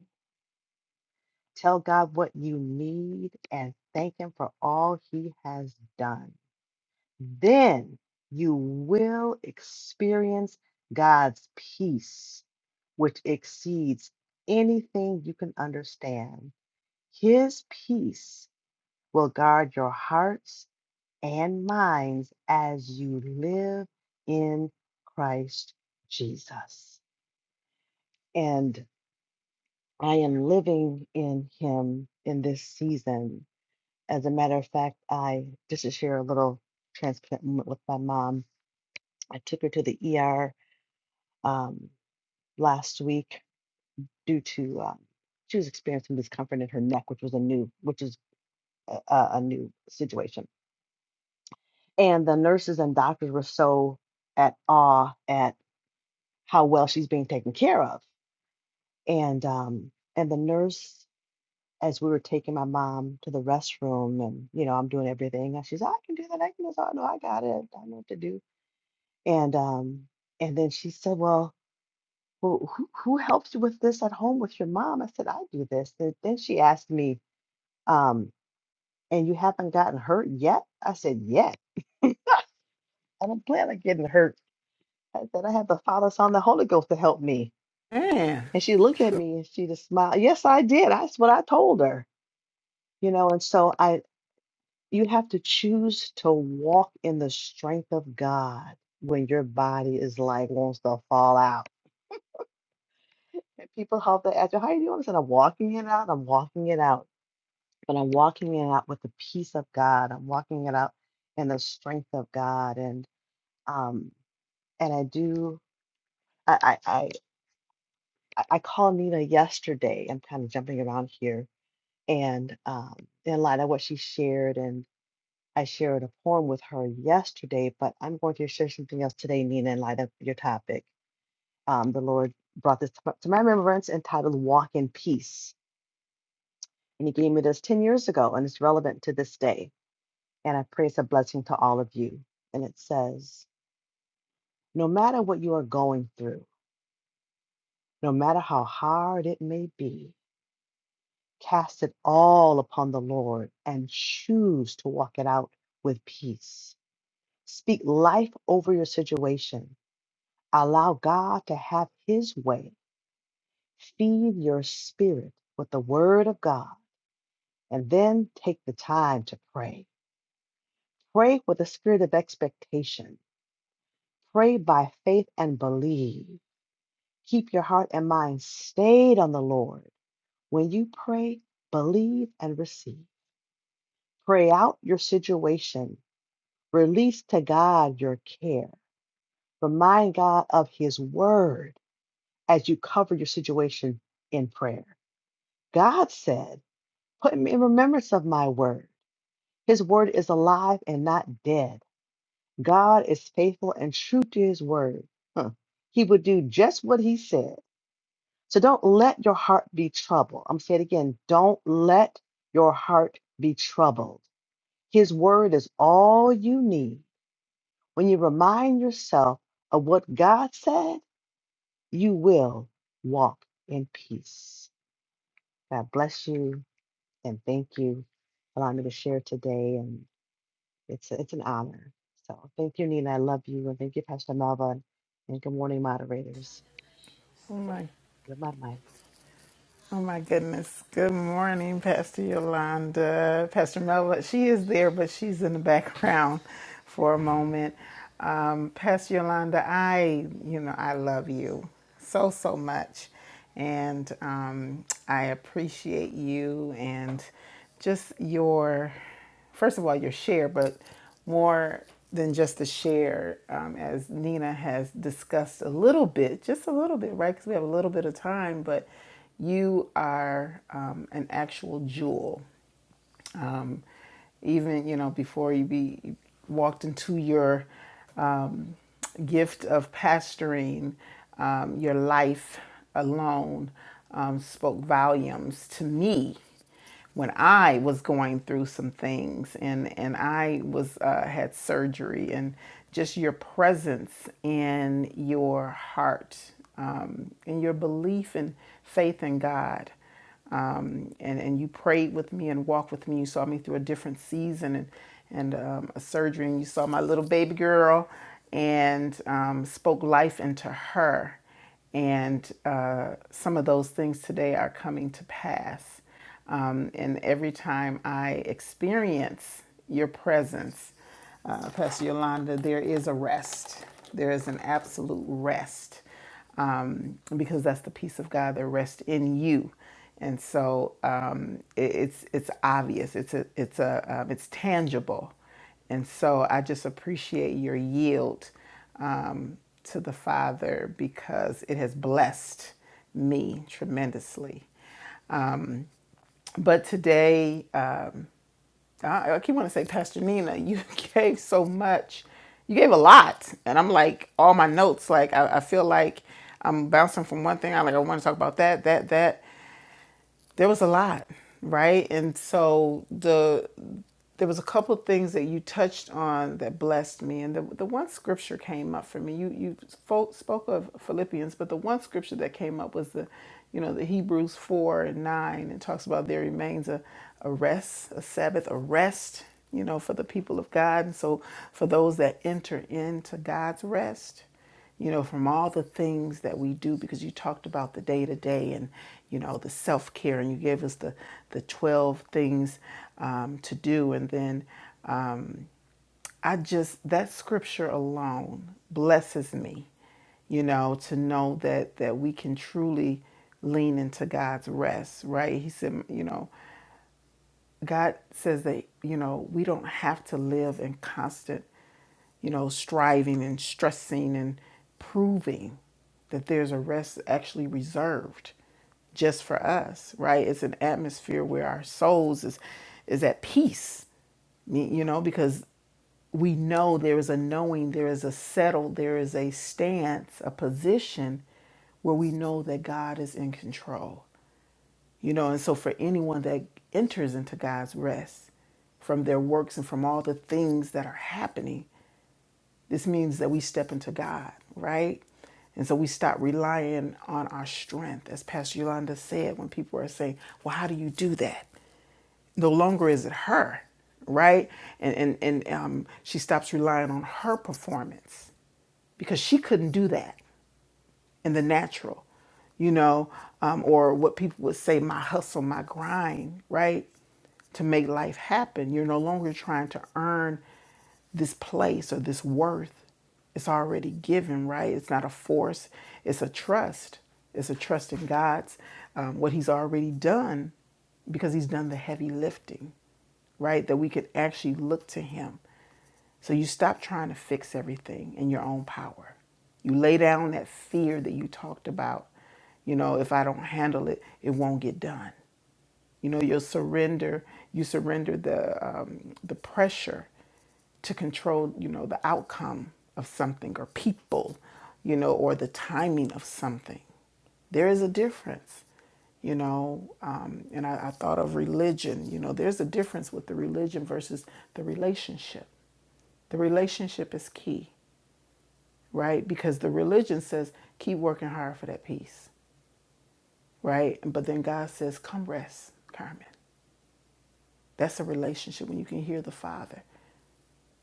Tell God what you need and thank Him for all He has done. Then you will experience God's peace, which exceeds anything you can understand. His peace will guard your hearts and minds as you live in Christ Jesus. And I am living in Him in this season. As a matter of fact, I just to share a little transparent moment with my mom. I took her to the ER um, last week due to um, she was experiencing discomfort in her neck, which was a new, which is a, a a new situation and the nurses and doctors were so at awe at how well she's being taken care of and um and the nurse as we were taking my mom to the restroom and you know i'm doing everything and she's i can do that i can do that no i got it i know what to do and um and then she said well who, who who helps you with this at home with your mom i said i do this and then she asked me um and you haven't gotten hurt yet i said yet i don't plan on getting hurt i said i have the father son and the holy ghost to help me Man, And she looked at me and she just smiled. Yes, I did. That's what I told her. You know, and so I you have to choose to walk in the strength of God when your body is like wants to fall out. And people holler at you, how are you doing? I said, I'm walking it out, I'm walking it out. But I'm walking it out with the peace of God. I'm walking it out in the strength of God. And um and I do I I I, I I called Nina yesterday. I'm kind of jumping around here and um, in light of what she shared, and I shared a poem with her yesterday, but I'm going to share something else today, Nina, in light of your topic. Um, the Lord brought this to to my remembrance entitled Walk in Peace. And He gave me this 10 years ago, and it's relevant to this day. And I pray it's a blessing to all of you. And it says, No matter what you are going through, no matter how hard it may be, cast it all upon the Lord and choose to walk it out with peace. Speak life over your situation. Allow God to have his way. Feed your spirit with the word of God and then take the time to pray. Pray with a spirit of expectation. Pray by faith and believe. Keep your heart and mind stayed on the Lord. When you pray, believe and receive. Pray out your situation. Release to God your care. Remind God of his word as you cover your situation in prayer. God said, Put me in remembrance of my word. His word is alive and not dead. God is faithful and true to his word. Huh. He would do just what he said. So don't let your heart be troubled. I'm saying it again, don't let your heart be troubled. His word is all you need. When you remind yourself of what God said, you will walk in peace. God bless you. and thank you for allowing me to share today. And it's it's an honor. So thank you, Nina. I love you, and thank you, Pastor Melva, and good morning, moderators. oh my, You're my mic. oh my goodness. Good morning, Pastor Yolanda, Pastor Melva. She is there, but she's in the background for a moment. Um, Pastor Yolanda, I, you know, I love you so, so much. And um, I appreciate you and just your first of all your share, but more than just the share, um, as Nina has discussed a little bit, just a little bit, right? Because we have a little bit of time, but you are um, an actual jewel um, even you know before you be walked into your um, gift of pastoring um, your life alone um, spoke volumes to me when I was going through some things and and I was uh, had surgery and just your presence and your heart um, and your belief and faith in God um, and and you prayed with me and walked with me. You saw me through a different season and and um, a surgery, and you saw my little baby girl, and um, spoke life into her. And uh, some of those things today are coming to pass. Um, and every time I experience your presence, uh, Pastor Yolanda, there is a rest. There is an absolute rest um, because that's the peace of God that rests in you. And so um, it, it's it's obvious. It's a it's a um, it's tangible. And so I just appreciate your yield um, to the Father because it has blessed me tremendously. But today. uh, I, I keep wanting to say, Pastor Nina, *laughs* you gave so much. You gave a lot. And I'm like, all my notes, like, I, I feel like I'm bouncing from one thing. I like, I want to talk about that, that, that there was a lot right and so the there was a couple of things that you touched on that blessed me and the, the one scripture came up for me you you spoke of philippians but the one scripture that came up was the you know the hebrews 4 and 9 and talks about there remains a, a rest a sabbath a rest you know for the people of god and so for those that enter into god's rest you know, from all the things that we do, because you talked about the day to day and, you know, the self care, and you gave us the, the 12 things um, to do. And then um, I just, that scripture alone blesses me, you know, to know that, that we can truly lean into God's rest, right? He said, you know, God says that, you know, we don't have to live in constant, you know, striving and stressing and proving that there's a rest actually reserved just for us, right? It's an atmosphere where our souls is is at peace. Me- You know, because we know there is a knowing, there is a settle, there is a stance, a position where we know that God is in control you know, and so for anyone that enters into God's rest from their works and from all the things that are happening, this means that we step into God, right? And so we stop relying on our strength. As Pastor Yolanda said, when people are saying, Well, how do you do that? No longer is it her, right? And and, and um, she stops relying on her performance because she couldn't do that in the natural, you know, um, or what people would say, my hustle, my grind, right? To make life happen. You're no longer trying to earn this place or this worth. It's already given, right? It's not a force, it's a trust. It's a trust in God's, um, what He's already done, because He's done the heavy lifting, right? That we could actually look to Him so you stop trying to fix everything in your own power. You lay down that fear that you talked about. You know, if I don't handle it, it won't get done. You know, you'll surrender. You surrender the um, the pressure to control. You know, the outcome of something or people. You know, or the timing of something. There is a difference, you know. Um, and I, I thought of religion. You know, there's a difference with the religion versus the relationship. The relationship is key, right? Because the religion says keep working hard for that peace, right? But then God says, come rest, Carmen. That's a relationship when you can hear the Father.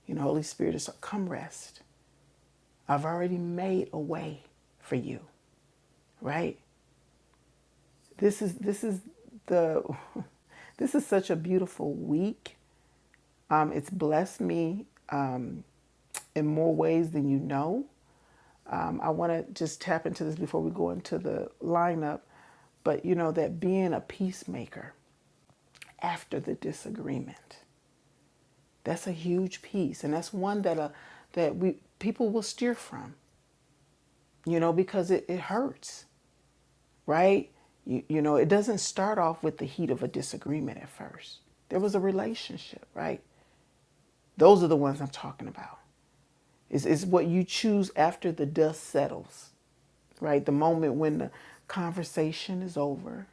You know, Holy Spirit is come rest. I've already made a way for you, right? This is this is the *laughs* this is such a beautiful week. Um, it's blessed me um, in more ways than you know. Um, I want to just tap into this before we go into the lineup, but you know that being a peacemaker after the disagreement, that's a huge piece, and that's one that uh, that we people will steer from, you know, because it, it hurts. right? You, you know, it doesn't start off with the heat of a disagreement at first. There was a relationship, right? Those are the ones I'm talking about. Is is what you choose after the dust settles, right? The moment when the conversation is over,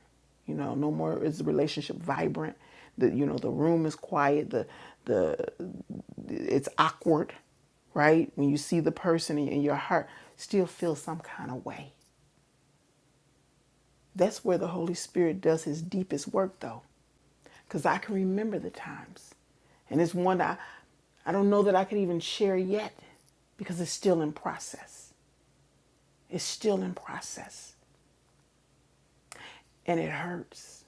you know, no more is the relationship vibrant. The you know the room is quiet. The the it's awkward, right? When you see the person and your heart still feels some kind of way That's where the Holy Spirit does his deepest work, though, because I can remember the times. And it's one that I, I don't know that I could even share yet because it's still in process. It's still in process. And it hurts.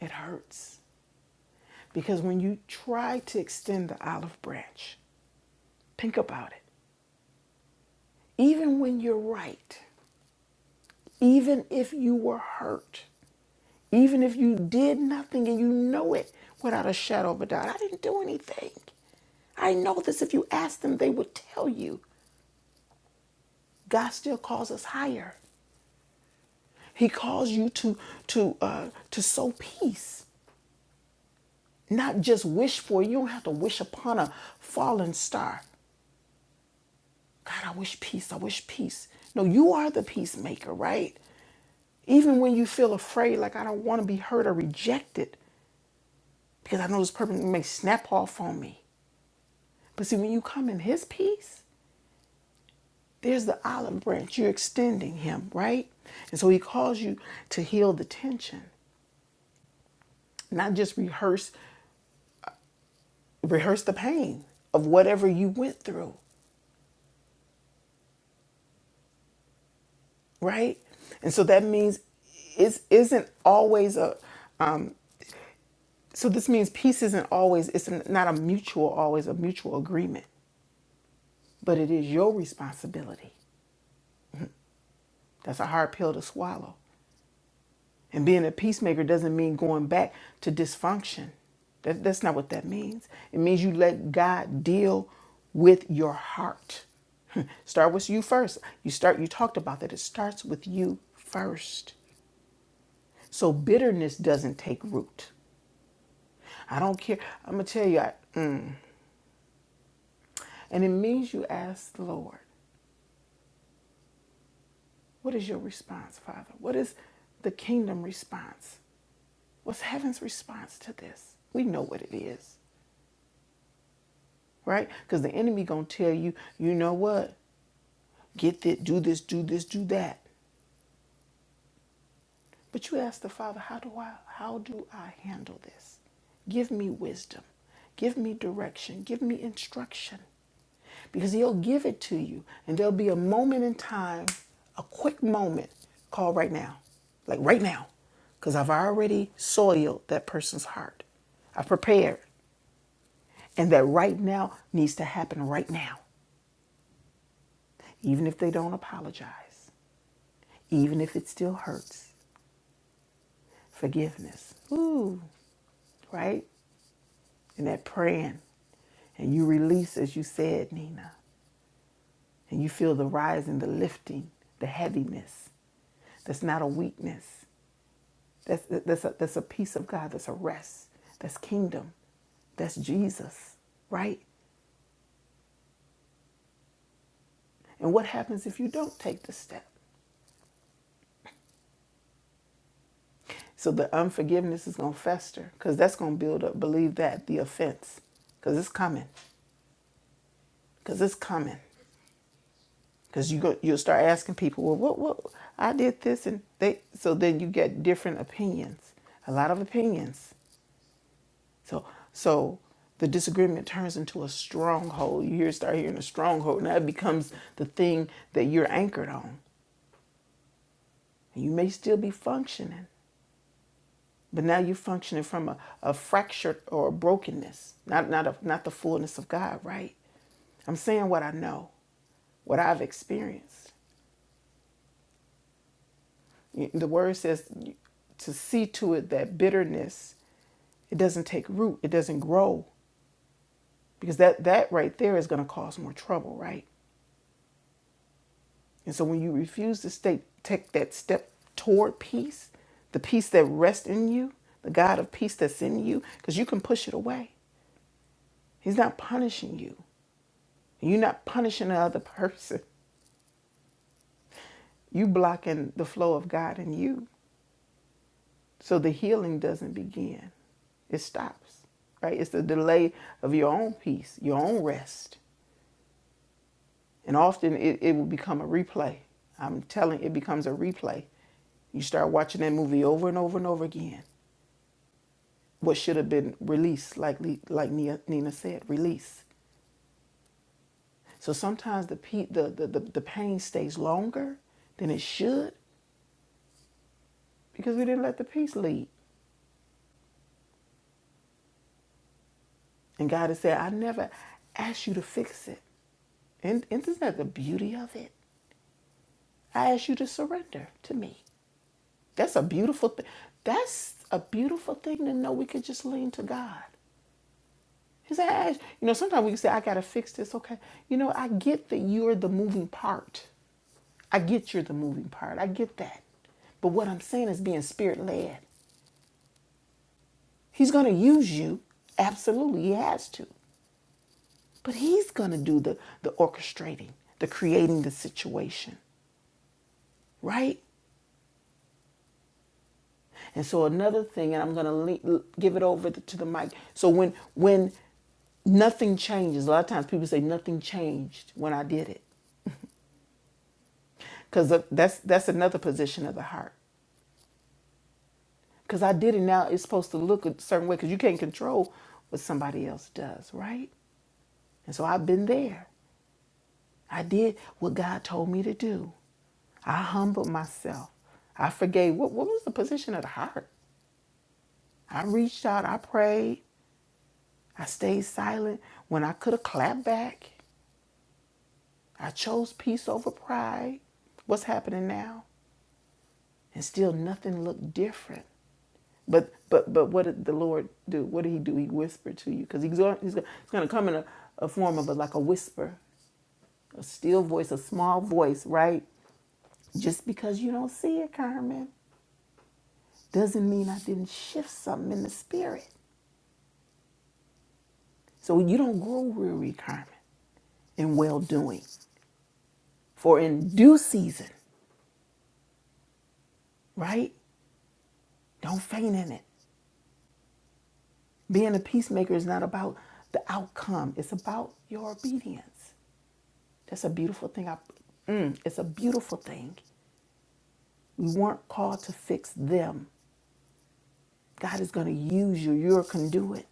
It hurts. Because when you try to extend the olive branch, think about it. Even when you're right, even if you were hurt, Even if you did nothing and you know it without a shadow of a doubt, I didn't do anything. I know this. If you ask them, they would tell you. God still calls us higher. He calls you to to uh, to sow peace, not just wish for. it. You don't have to wish upon a fallen star. God, I wish peace. I wish peace. No, you are the peacemaker, right? Even when you feel afraid, like I don't want to be hurt or rejected, because I know this person may snap off on me. But see, when you come in his peace, there's the olive branch. You're extending him, right? And so he calls you to heal the tension, not just rehearse rehearse the pain of whatever you went through, right? And so that means it isn't always a um, so this means peace isn't always it's not a mutual always a mutual agreement, but it is your responsibility. That's a hard pill to swallow And being a peacemaker doesn't mean going back to dysfunction. That, that's not what that means. It means you let God deal with your heart. *laughs* start with you first. You start you talked about that. It starts with you first. So bitterness doesn't take root. I don't care. I'm gonna tell you I, and it means you ask the Lord, what is your response, Father? What is the kingdom response? What's heaven's response to this? We know what it is. right? Because the enemy gonna tell you, you know what? Get this, do this, do this, do that. But you ask the Father, how do I, how do I handle this? Give me wisdom, give me direction, give me instruction, because He'll give it to you, and there'll be a moment in time, a quick moment, call right now, like right now, because I've already soiled that person's heart. I've prepared, and that right now needs to happen right now, even if they don't apologize even if it still hurts. Forgiveness. Ooh, right? And that praying. And you release, as you said, Nina. And you feel the rising, the lifting, the heaviness. That's not a weakness. That's, that's, a, that's a peace of God. That's a rest. That's kingdom. That's Jesus, right? And what happens if you don't take the step? So the unforgiveness is going to fester because that's going to build up, believe that, the offense because it's coming, because it's coming. because you go you'll start asking people well what what i did this and they so then you get different opinions a lot of opinions so so the disagreement turns into a stronghold you hear start hearing a stronghold and that becomes the thing that you're anchored on and you may still be functioning but now you're functioning from a, a fractured or a brokenness not not a, not the fullness of god right i'm saying what i know what i've experienced The word says to see to it that bitterness it doesn't take root, it doesn't grow because that that right there is going to cause more trouble, right? And so when you refuse to stay, take that step toward peace, the peace that rests in you, the God of peace that's in you, because you can push it away. He's not punishing you. You're not punishing the other *laughs* person. You blocking the flow of God in you. So the healing doesn't begin, it stops, right? It's the delay of your own peace, your own rest. And often it, it will become a replay. I'm telling you, it becomes a replay. You start watching that movie over and over and over again. What should have been released, like like Nina said, release. So sometimes the, pe- the, the, the, the pain stays longer than it should because we didn't let the peace lead. And God has said, I never asked you to fix it. And isn't that the beauty of it? I ask you to surrender to me. That's a beautiful thing. That's a beautiful thing to know we could just lean to God. He said, I ask- you know, sometimes we can say, I got to fix this. Okay. You know, I get that you're the moving part. I get you're the moving part. I get that. But what I'm saying is being spirit led. He's going to use you. Absolutely. He has to. But he's going to do the, the orchestrating, the creating the situation, right? And so another thing, and I'm going to give it over to the mic. So when when nothing changes, a lot of times people say nothing changed when I did it, because that's that's another position of the heart. Because I did it now, it's supposed to look a certain way. Because you can't control what somebody else does, right? And so I've been there. I did what God told me to do. I humbled myself. I forgave. What, what was the position of the heart? I reached out. I prayed. I stayed silent when I could have clapped back. I chose peace over pride. What's happening now? And still nothing looked different. But but but what did the Lord do? What did He do? He whispered to you because He's going he's to come in a, a form of a, like a whisper, a still voice, a small voice, right? Just because you don't see it, Carmen, doesn't mean I didn't shift something in the spirit. So you don't grow weary, Carmen, in well doing. For in due season, right? Don't faint in it. Being a peacemaker is not about the outcome, it's about your obedience. That's a beautiful thing. I, mm, it's a beautiful thing. We weren't called to fix them. God is going to use you. You're a conduit.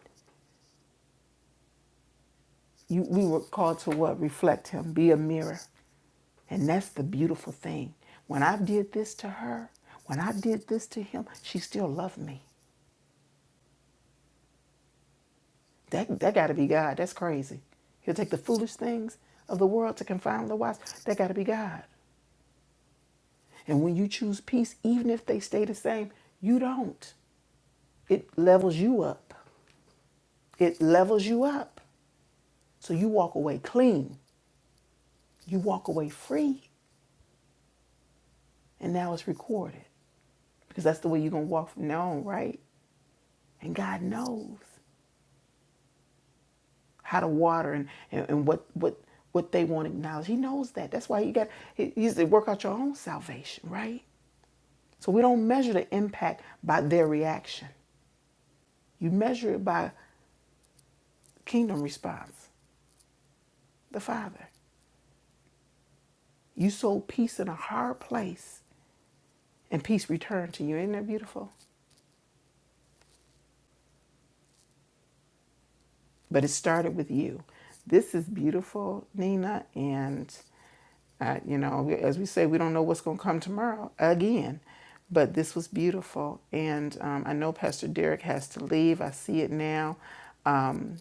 You, we were called to what? Reflect Him, be a mirror. And that's the beautiful thing. When I did this to her, when I did this to him, she still loved me. That, that got to be God. That's crazy. He'll take the foolish things of the world to confound the wise. That got to be God. And when you choose peace, even if they stay the same, you don't. It levels you up. It levels you up. So you walk away clean. You walk away free. And now it's recorded because that's the way you're going to walk from now on, right? And God knows how to water and, and, and what, what, what they want to acknowledge. He knows that. That's why you got, he, he said, work out your own salvation, right? So we don't measure the impact by their reaction. You measure it by kingdom response, the Father. You sold peace in a hard place, and peace returned to you. Ain't that beautiful? But it started with you. This is beautiful, Nina. And, uh, you know, as we say, we don't know what's going to come tomorrow again. But this was beautiful. And um, I know Pastor Derek has to leave. I see it now. Um,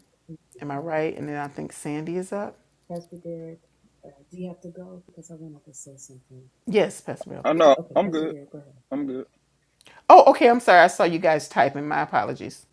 am I right? And then I think Sandy is up. Yes, Pastor Bella. I know. I'm good. I'm good. Oh, okay. I'm sorry. I saw you guys typing. My apologies.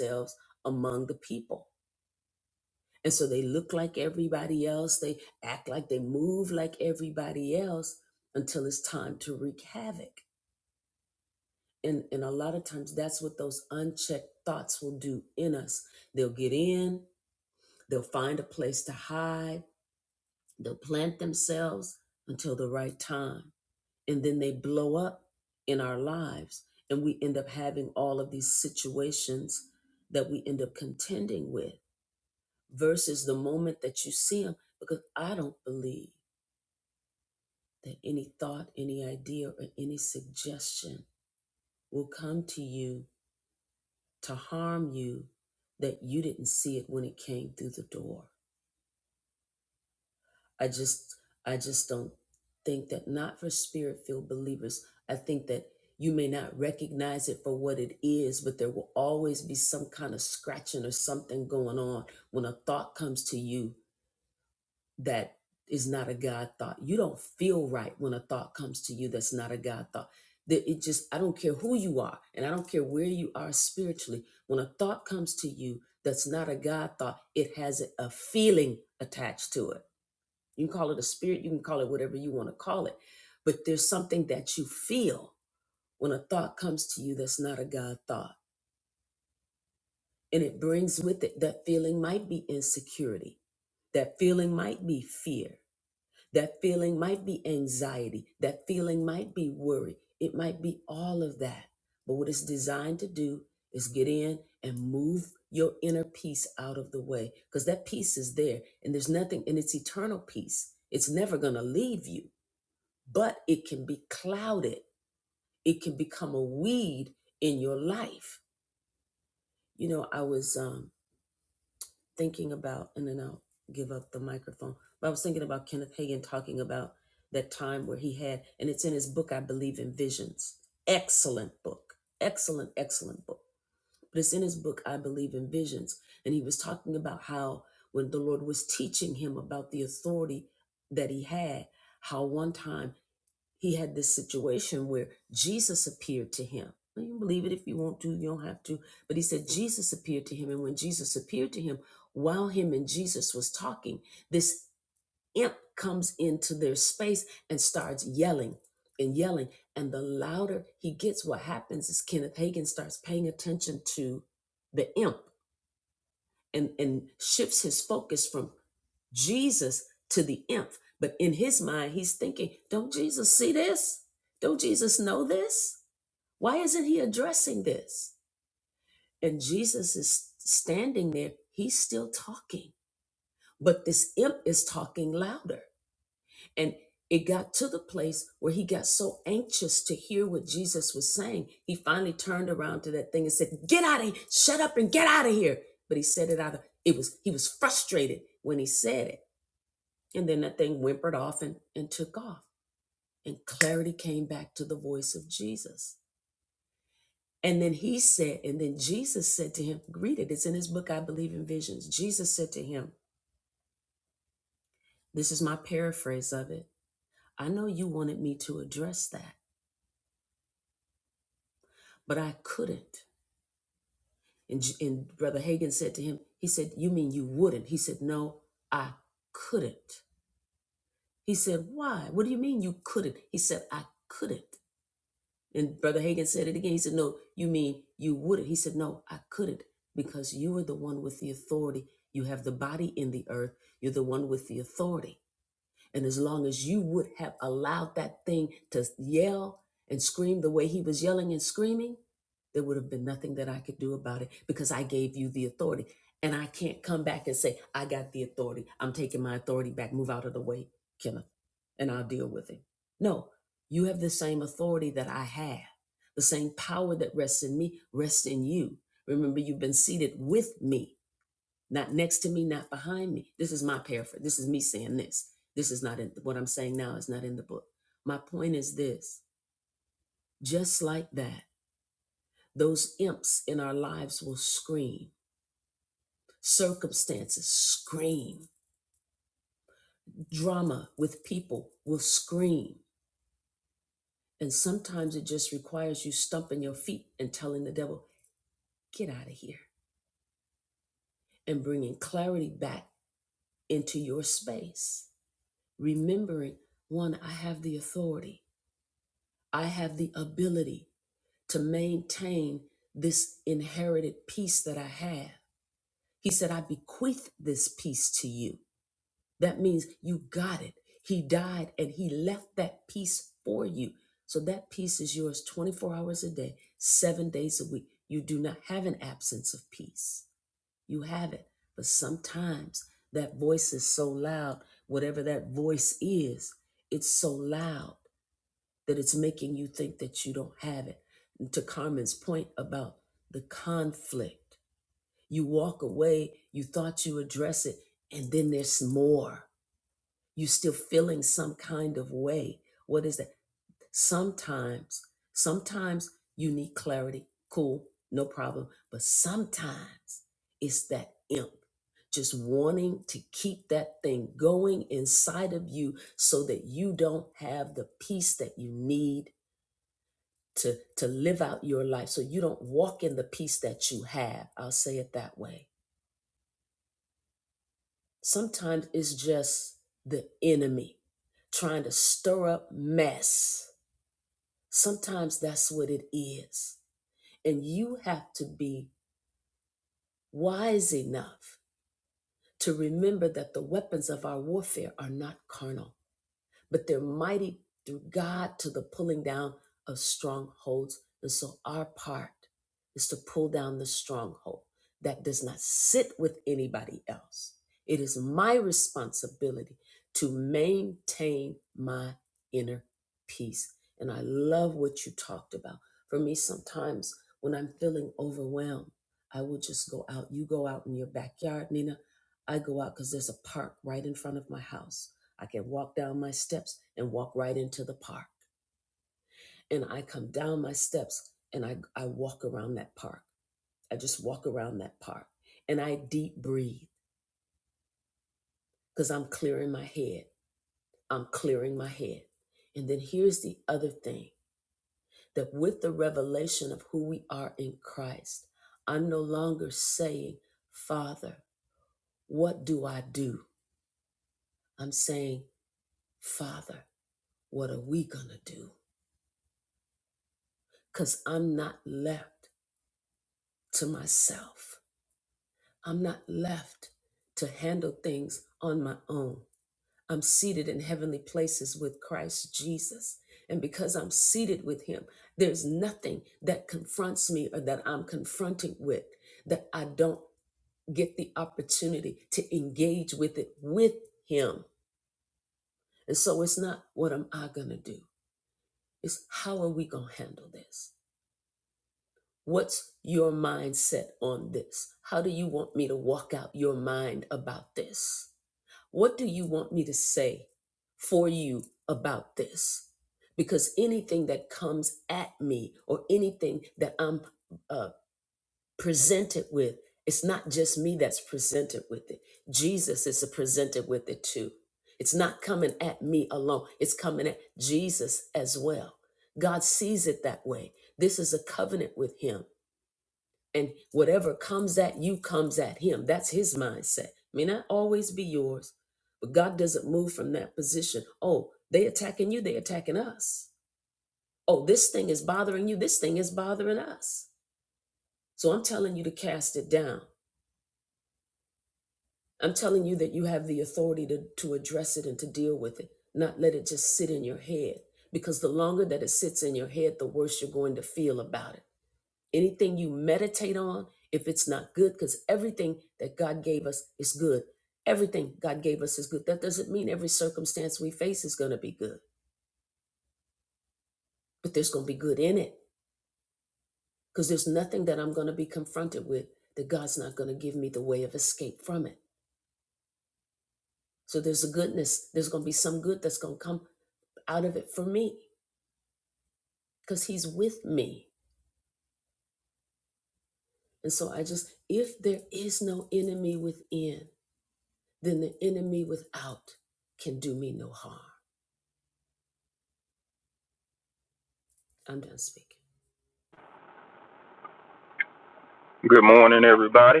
Good morning, everybody.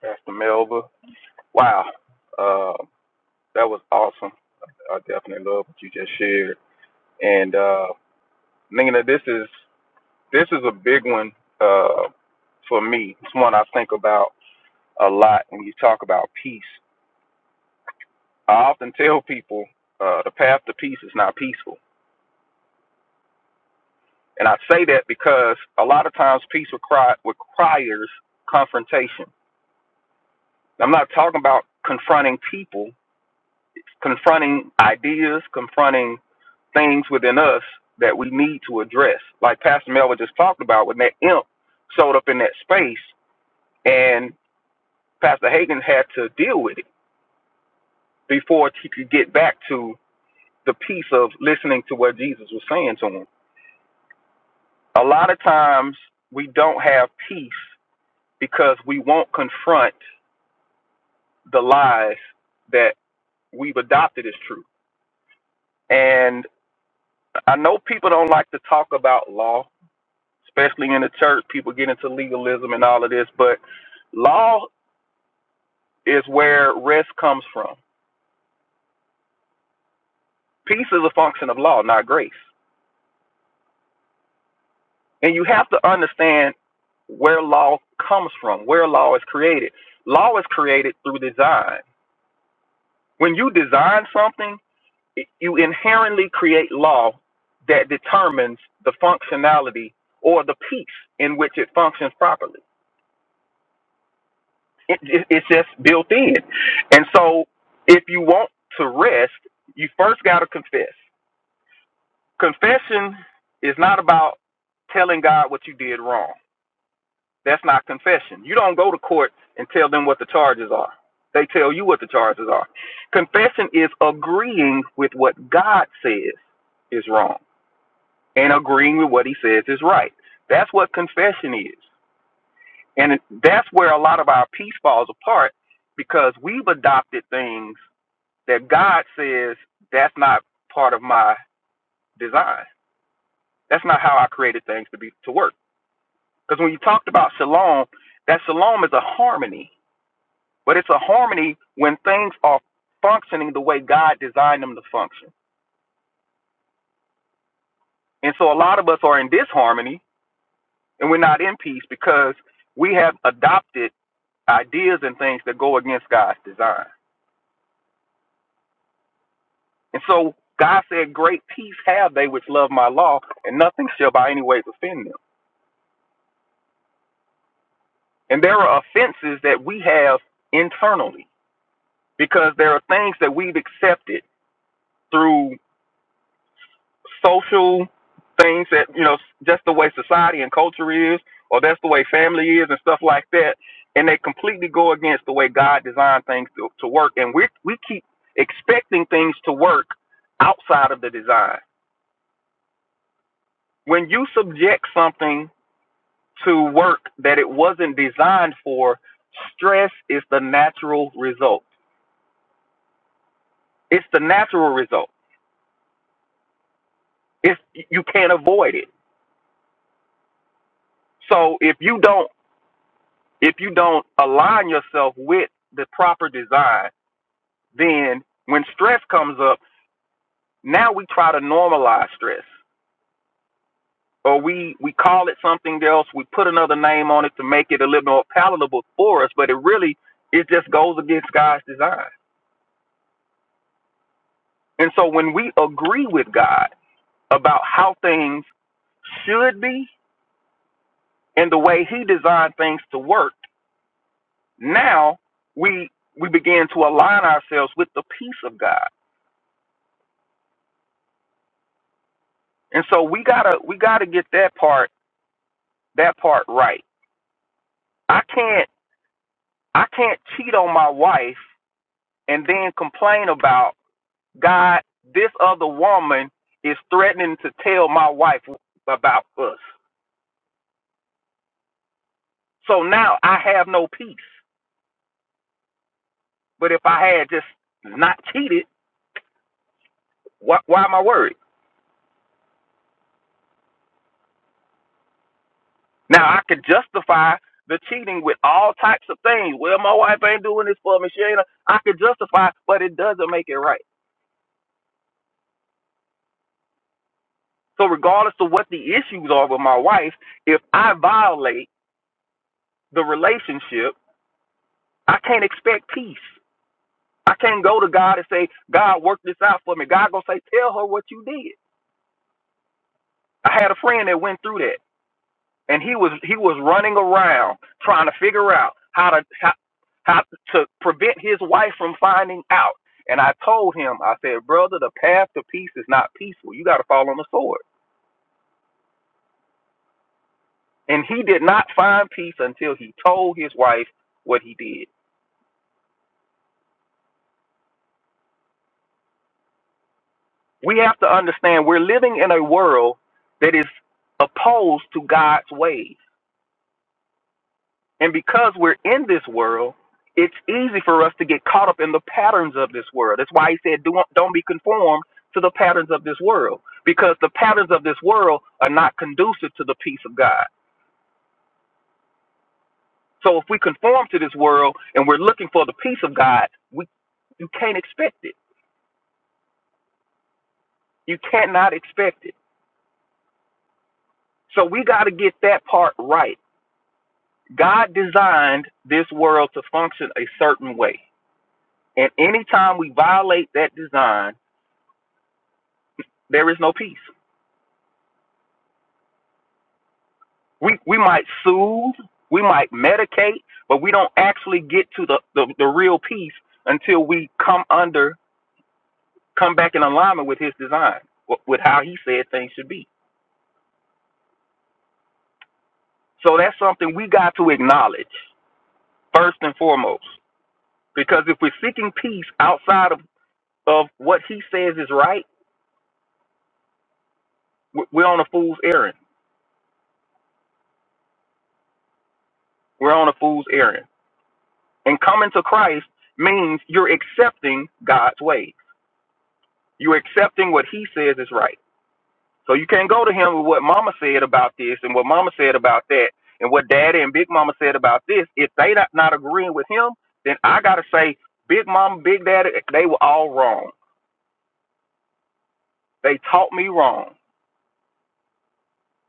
Pastor Melba. Wow, uh, that was awesome. I definitely love what you just shared. And uh, Nina, this is this is a big one uh, for me. It's one I think about a lot when you talk about peace. I often tell people uh, the path to peace is not peaceful, and I say that because a lot of times peace require, requires confrontation. I'm not talking about confronting people. confronting ideas, confronting things within us that we need to address. Like Pastor Melvin just talked about when that imp showed up in that space and Pastor Hagen had to deal with it before he could get back to the piece of listening to what Jesus was saying to him. A lot of times we don't have peace because we won't confront the lies that we've adopted as true. And I know people don't like to talk about law especially in the church. People get into legalism and all of this, but law is where rest comes from. Peace is a function of law, not grace. And you have to understand where law comes from, where law is created. Law is created through design. When you design something, you inherently create law that determines the functionality or the peace in which it functions properly. It, it, it's just built in. And so if you want to rest, you first got to confess. Confession is not about telling God what you did wrong. That's not confession. You don't go to court and tell them what the charges are. They tell you what the charges are. Confession is agreeing with what God says is wrong and agreeing with what he says is right. That's what confession is. And that's where a lot of our peace falls apart because we've adopted things that God says that's not part of my design. That's not how I created things to be to work. Because when you talked about shalom, that shalom is a harmony, but it's a harmony when things are functioning the way God designed them to function. And so a lot of us are in disharmony and we're not in peace because we have adopted ideas and things that go against God's design. And so God said, Great peace have they which love my law, and nothing shall by any ways offend them. And there are offenses that we have internally because there are things that we've accepted through social things that, you know, just the way society and culture is, or that's the way family is and stuff like that. And they completely go against the way God designed things to, to work. And we, we keep expecting things to work outside of the design. When you subject something to work that it wasn't designed for, stress is the natural result It's the natural result. It's you can't avoid it. So if you don't if you don't align yourself with the proper design, then when stress comes up, now we try to normalize stress. Or we, we call it something else, we put another name on it to make it a little more palatable for us, but it really it just goes against God's design. And so when we agree with God about how things should be and the way he designed things to work, Now we we begin to align ourselves with the peace of God. And so we gotta we gotta get that part that part right. I can't I can't cheat on my wife and then complain about God, this other woman is threatening to tell my wife about us. So now I have no peace. But if I had just not cheated, why, why am I worried? Now I could justify the cheating with all types of things. Well, my wife ain't doing this for me. She ain't. I could justify, but it doesn't make it right. So regardless of what the issues are with my wife, if I violate the relationship, I can't expect peace. I can't go to God and say, God, work this out for me. God gonna say, tell her what you did. I had a friend that went through that. and he was he was running around trying to figure out how to how, how to prevent his wife from finding out. And I told him, I said, brother, the path to peace is not peaceful. You got to fall on the sword. And he did not find peace until he told his wife what he did. We have to understand we're living in a world that is opposed to God's ways And because we're in this world, it's easy for us to get caught up in the patterns of this world. That's why he said, "Do- don't be conformed to the patterns of this world, because the patterns of this world are not conducive to the peace of God. So if we conform to this world and we're looking for the peace of God, we you can't expect it. You cannot expect it. So we got to get that part right. God designed this world to function a certain way. And anytime we violate that design, there is no peace. We we might soothe, we might medicate, but we don't actually get to the, the, the real peace until we come under, come back in alignment with his design, w- with how he said things should be. So that's something we got to acknowledge first and foremost. Because if we're seeking peace outside of, of what he says is right, w- we're on a fool's errand. We're on a fool's errand. And coming to Christ means you're accepting God's way. You're accepting what he says is right So you can't go to him with what mama said about this and what mama said about that and what daddy and big mama said about this. If they not, not agreeing with him, then I gotta say, big mama, big daddy, they were all wrong. They taught me wrong.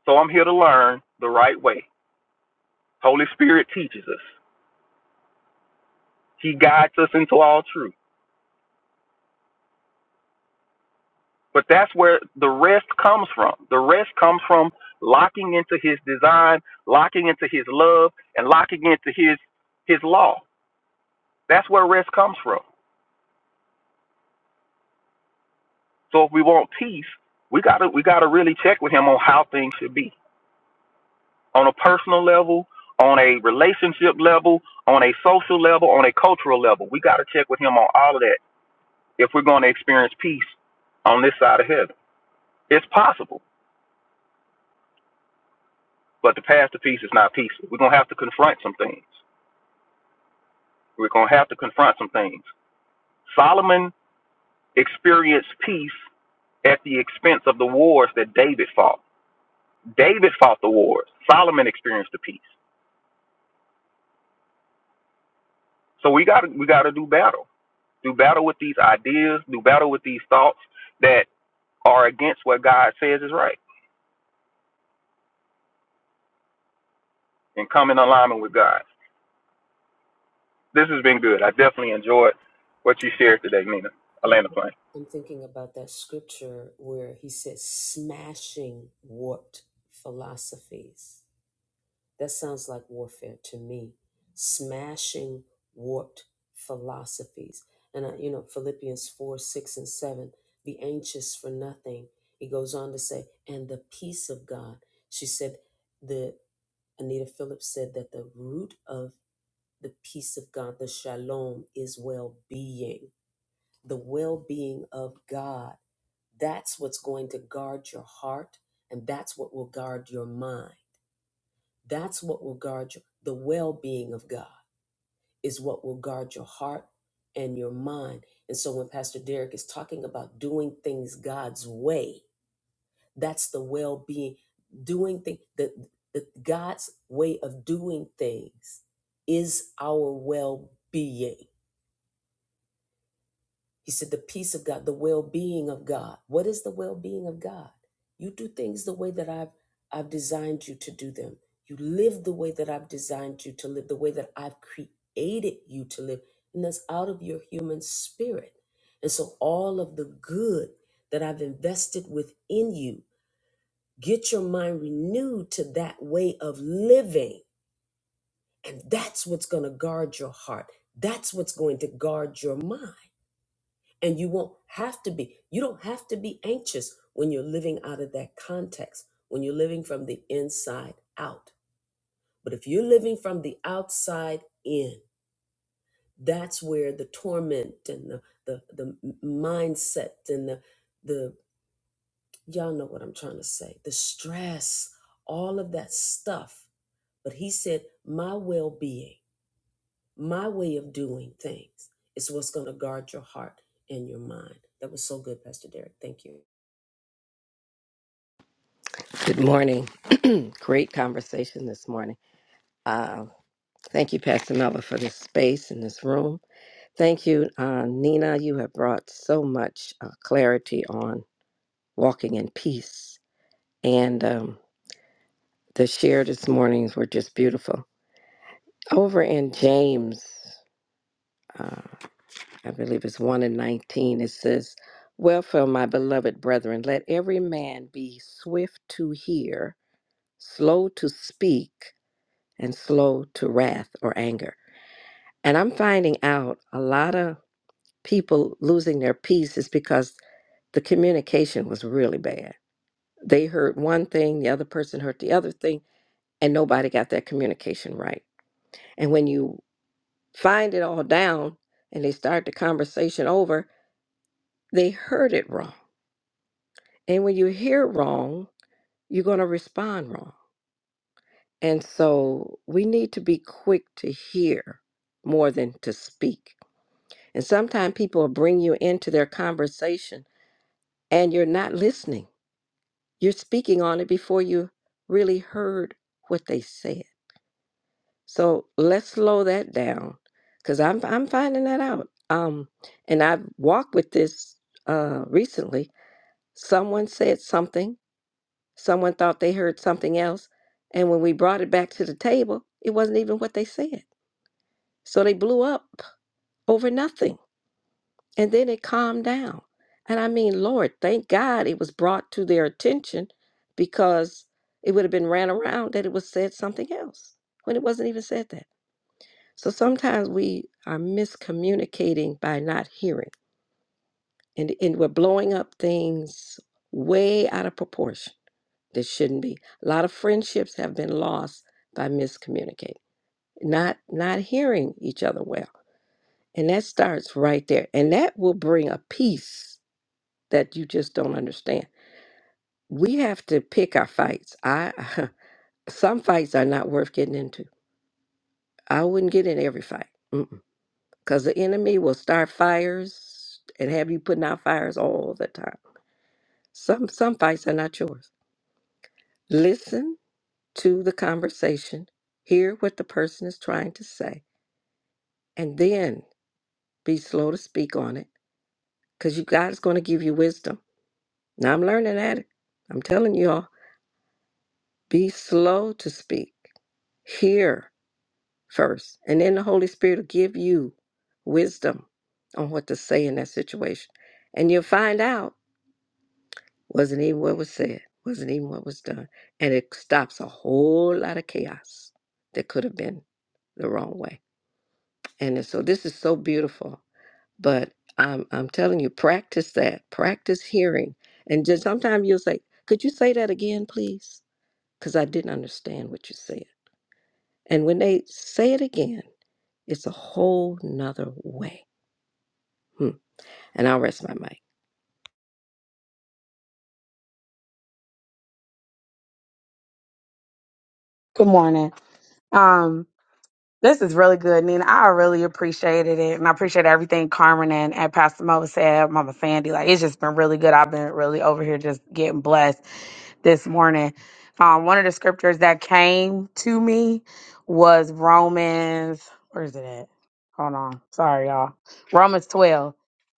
So I'm here to learn the right way. Holy Spirit teaches us. He guides us into all truth. But that's where the rest comes from. The rest comes from locking into his design, locking into his love, and locking into his his law. That's where rest comes from. So if we want peace, we gotta we gotta really check with him on how things should be on a personal level, on a relationship level, on a social level, on a cultural level. We gotta check with him on all of that if we're going to experience peace on this side of heaven. It's possible, but the path to peace is not peaceful. We're gonna have to confront some things. We're gonna have to confront some things. Solomon experienced peace at the expense of the wars that David fought. David fought the wars. Solomon experienced the peace. So we got to we got to do battle, do battle with these ideas, do battle with these thoughts that are against what God says is right, and come in alignment with God. This has been good. I definitely enjoyed what you shared today, Nina. Atlanta plan. Good morning. *clears throat* Great conversation this morning. Uh, thank you, Pastor Melba, for this space in this room. Thank you, uh, Nina. You have brought so much uh, clarity on walking in peace. And um, the share this mornings were just beautiful. Over in James, uh, I believe it's 1 and 19, it says, Wherefore, my beloved brethren, let every man be swift to hear, slow to speak, and slow to wrath or anger. And I'm finding out a lot of people losing their peace is because the communication was really bad. They heard one thing, the other person heard the other thing, and nobody got that communication right. And when you find it all down and they start the conversation over, they heard it wrong. And when you hear wrong, you're going to respond wrong. And so we need to be quick to hear more than to speak. And sometimes people will bring you into their conversation and you're not listening. You're speaking on it before you really heard what they said. So let's slow that down because I'm, I'm finding that out. Um, and I've walked with this uh, recently. Someone said something, someone thought they heard something else. And when we brought it back to the table, it wasn't even what they said. So they blew up over nothing And then it calmed down. And I mean, Lord, thank God it was brought to their attention because it would have been ran around that it was said something else when it wasn't even said that. So sometimes we are miscommunicating by not hearing and, and we're blowing up things way out of proportion that shouldn't be. A lot of friendships have been lost by miscommunicating, not not hearing each other well. And that starts right there. And that will bring a peace that you just don't understand. We have to pick our fights. I *laughs* some fights are not worth getting into. I wouldn't get in every fight because the enemy will start fires and have you putting out fires all the time. Some some fights are not yours. Listen to the conversation, hear what the person is trying to say, and then be slow to speak on it because you God is going to give you wisdom. Now I'm learning at it. I'm telling you all, be slow to speak. Hear first. And then the Holy Spirit will give you wisdom on what to say in that situation. And you'll find out wasn't even what was said, wasn't even what was done. And it stops a whole lot of chaos that could have been the wrong way. And it's- so this is so beautiful. But I'm I'm telling you, practice that. Practice hearing. And just sometimes you'll say, Could you say that again, please? Because I didn't understand what you said. And when they say it again, it's a whole nother way Hmm. And I'll rest my mic. Good morning. Um, this is really good, Nina. I really appreciated it, and I appreciate everything Carmen and, and Pastor Mo said, Mama Sandy. Like it's just been really good. I've been really over here just getting blessed this morning. Um, one of the scriptures that came to me was Romans, where is it at? Hold on. Sorry, y'all. Romans 12,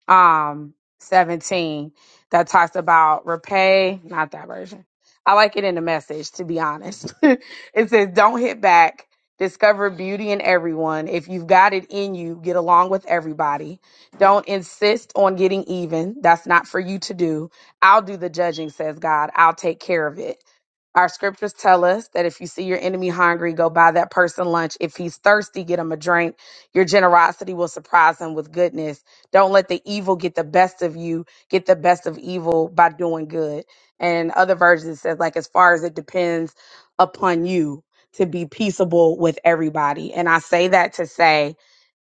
um, 17, that talks about repay, not that version. I like it in the message, to be honest. *laughs* it says, Don't hit back. Discover beauty in everyone. If you've got it in you, get along with everybody. Don't insist on getting even. That's not for you to do I'll do the judging, says God. I'll take care of it. Our scriptures tell us that if you see your enemy hungry, go buy that person lunch. If he's thirsty, get him a drink. Your generosity will surprise him with goodness. Don't let the evil get the best of you. Get the best of evil by doing good. And other versions says, like, as far as it depends upon you to be peaceable with everybody. And I say that to say,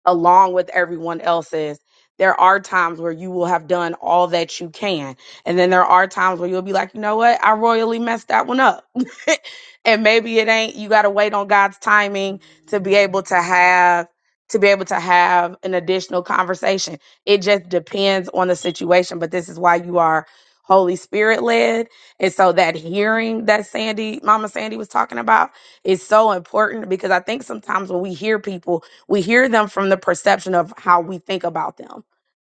along with everyone else's. There are times where you will have done all that you can. And then there are times where you'll be like, you know what? I royally messed that one up. *laughs* and maybe it ain't, you got to wait on God's timing to be able to have. To be able to have an additional conversation, it just depends on the situation. But this is why you are Holy Spirit led. And so that hearing that Sandy, Mama Sandy was talking about is so important because I think sometimes when we hear people, we hear them from the perception of how we think about them.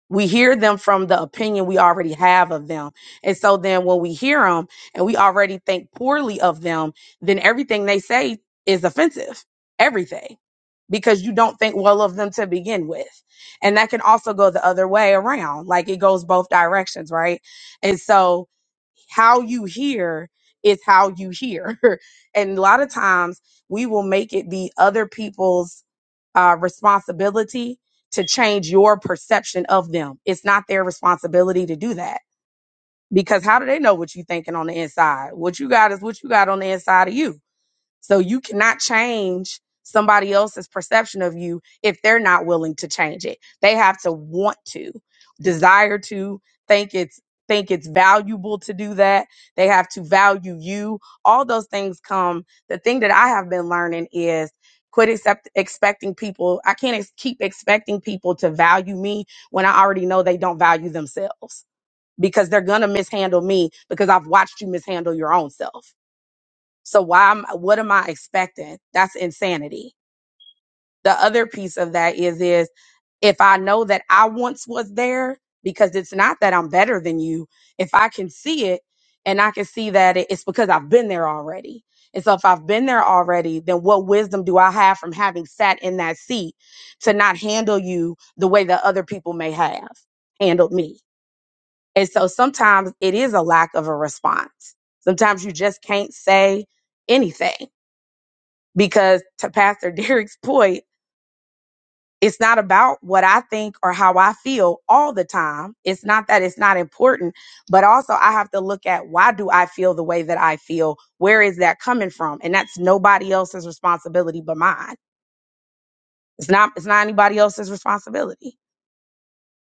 We hear them from the opinion we already have of them. And so then when we hear them and we already think poorly of them, then everything they say is offensive. Everything because you don't think well of them to begin with. And that can also go the other way around. Like it goes both directions, right? And so how you hear is how you hear. *laughs* and a lot of times we will make it be other people's uh, responsibility to change your perception of them. It's not their responsibility to do that because how do they know what you are thinking on the inside? What you got is what you got on the inside of you so you cannot change somebody else's perception of you if they're not willing to change it. They have to want to, desire to, think it's think it's valuable to do that. They have to value you. All those things come. The thing that I have been learning is quit accept, expecting people. I can't ex- keep expecting people to value me when I already know they don't value themselves because they're going to mishandle me because I've watched you mishandle your own self so why am what am I expecting? That's insanity. The other piece of that is is if I know that I once was there, because it's not that I'm better than you, if I can see it and I can see that it- it's because I've been there already. And so if I've been there already, then what wisdom do I have from having sat in that seat to not handle you the way that other people may have handled me? And so sometimes it is a lack of a response. Sometimes you just can't say anything because to Pastor *laughs* Derek's point, it's not about what I think or how I feel all the time. It's not that it's not important, but also I have to look at why do I feel the way that I feel? Where is that coming from? And that's nobody else's responsibility but mine. It's not it's not anybody else's responsibility.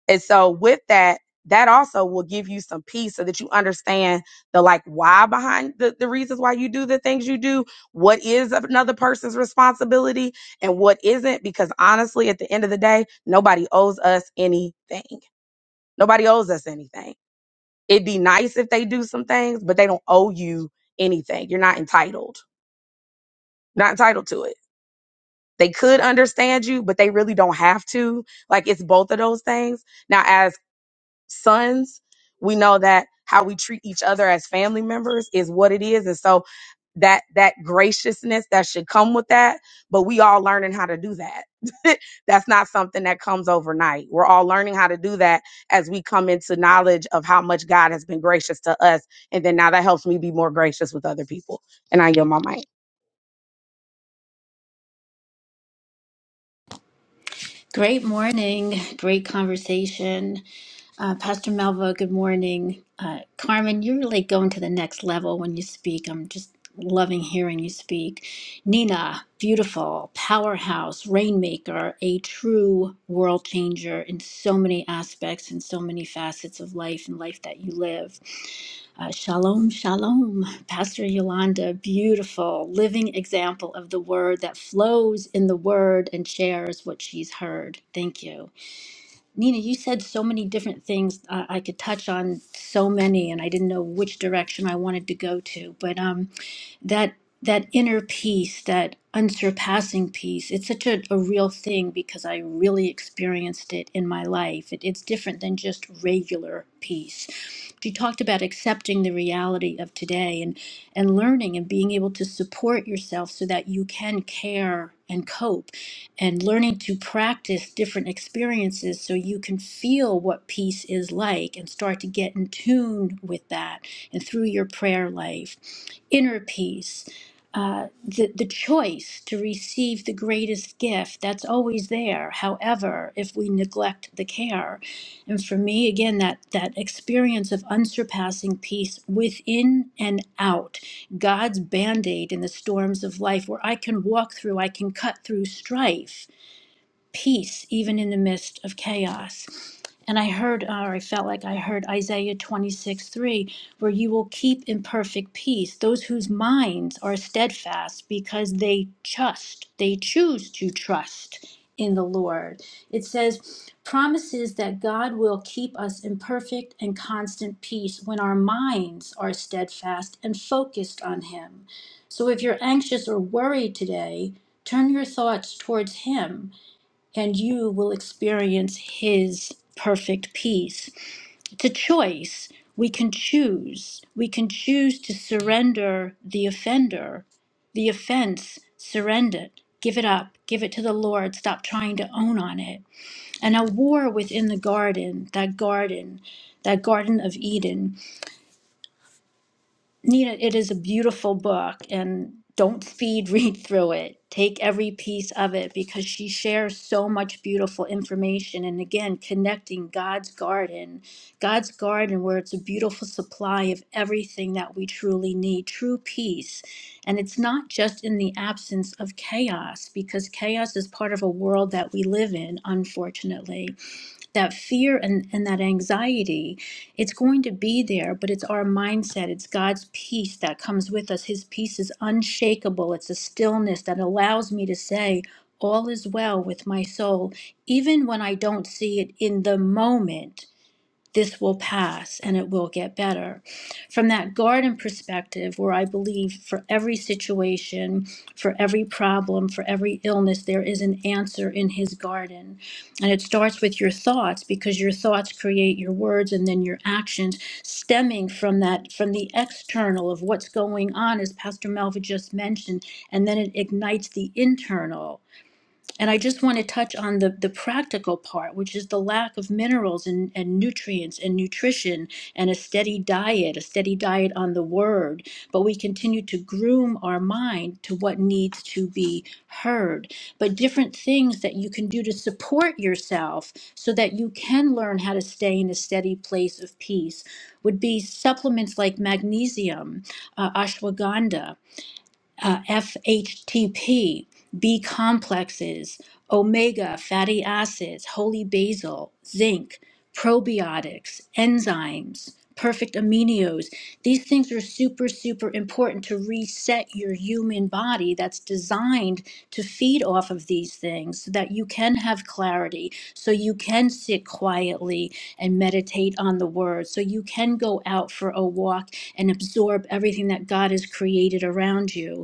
And so with that, that also will give you some peace so that you understand the like why behind the, the reasons why you do the things you do, what is another person's responsibility and what isn't. Because honestly, at the end of the day, nobody owes us anything. Nobody owes us anything. It'd be nice if they do some things, but they don't owe you anything. You're not entitled. Not entitled to it. They could understand you, but they really don't have to. Like it's both of those things. Now, as sons, we know that how we treat each other as family members is what it is. And so that that graciousness that should come with that, but we all learning how to do that. *laughs* That's not something that comes overnight. We're all learning how to do that as we come into knowledge of how much God has been gracious to us. And then now that helps me be more gracious with other people. And I yield my mic. Great morning. Great conversation. Uh, Pastor Melva, good morning. Uh, Carmen, you're really going to the next level when you speak. I'm just loving hearing you speak. Nina, beautiful, powerhouse, rainmaker, a true world changer in so many aspects and so many facets of life and life that you live. Uh, shalom, shalom, *laughs* Pastor Yolanda. Beautiful living example of the word that flows in the word and shares what she's heard. Thank you. Nina, you said so many different things. Uh, I could touch on so many, and I didn't know which direction I wanted to go to. But um, that that inner peace, that unsurpassing peace. It's such a, a real thing because I really experienced it in my life. It, it's different than just regular peace. She talked about accepting the reality of today and and learning and being able to support yourself so that you can care and cope and learning to practice different experiences so you can feel what peace is like and start to get in tune with that and through your prayer life inner peace uh, the, the choice to receive the greatest gift that's always there however if we neglect the care and for me again that that experience of unsurpassing peace within and out God's band aid in the storms of life where I can walk through, I can cut through strife peace even in the midst of chaos. And I heard, or I felt like I heard Isaiah 26, 3, where you will keep in perfect peace those whose minds are steadfast because they trust, they choose to trust in the Lord. It says, promises that God will keep us in perfect and constant peace when our minds are steadfast and focused on Him. So if you're anxious or worried today, turn your thoughts towards Him and you will experience His perfect peace. It's a choice. We can choose. We can choose to surrender the offender, the offense, surrender it. Give it up. Give it to the Lord. Stop trying to own on it. And a war within the garden, that garden, that Garden of Eden. Nina, it is a beautiful book, and don't speed *laughs* read through it. Take every piece of it because she shares so much beautiful information. And again, connecting God's garden, God's garden, where it's a beautiful supply of everything that we truly need, true peace. And it's not just in the absence of chaos, because chaos is part of a world that we live in, unfortunately that fear and, and that anxiety, it's going to be there, but it's our mindset. It's God's peace that comes with us. His peace is unshakable. It's a stillness that allows me to say, All is well with my soul, even when I don't see it in the moment this will pass and it will get better. From that garden perspective, where I believe for every situation, for every problem, for every illness, there is an answer in his garden. And it starts with your thoughts because your thoughts create your words and then your actions stemming from that, from the external of what's going on, as Pastor Melva just mentioned, and then it ignites the internal. And I just want to touch on the, the practical part, which is the lack of minerals and, and nutrients and nutrition and a steady diet, a steady diet on the word. But we continue to groom our mind to what needs to be heard. But different things that you can do to support yourself so that you can learn how to stay in a steady place of peace would be supplements like magnesium, uh, ashwagandha uh, FHTP, B complexes, omega fatty acids, holy basil, zinc, probiotics, enzymes, perfect aminos. These things are super, super important to reset your human body that's designed to feed off of these things so that you can have clarity, so you can sit quietly and meditate on the word, so you can go out for a walk and absorb everything that God has created around you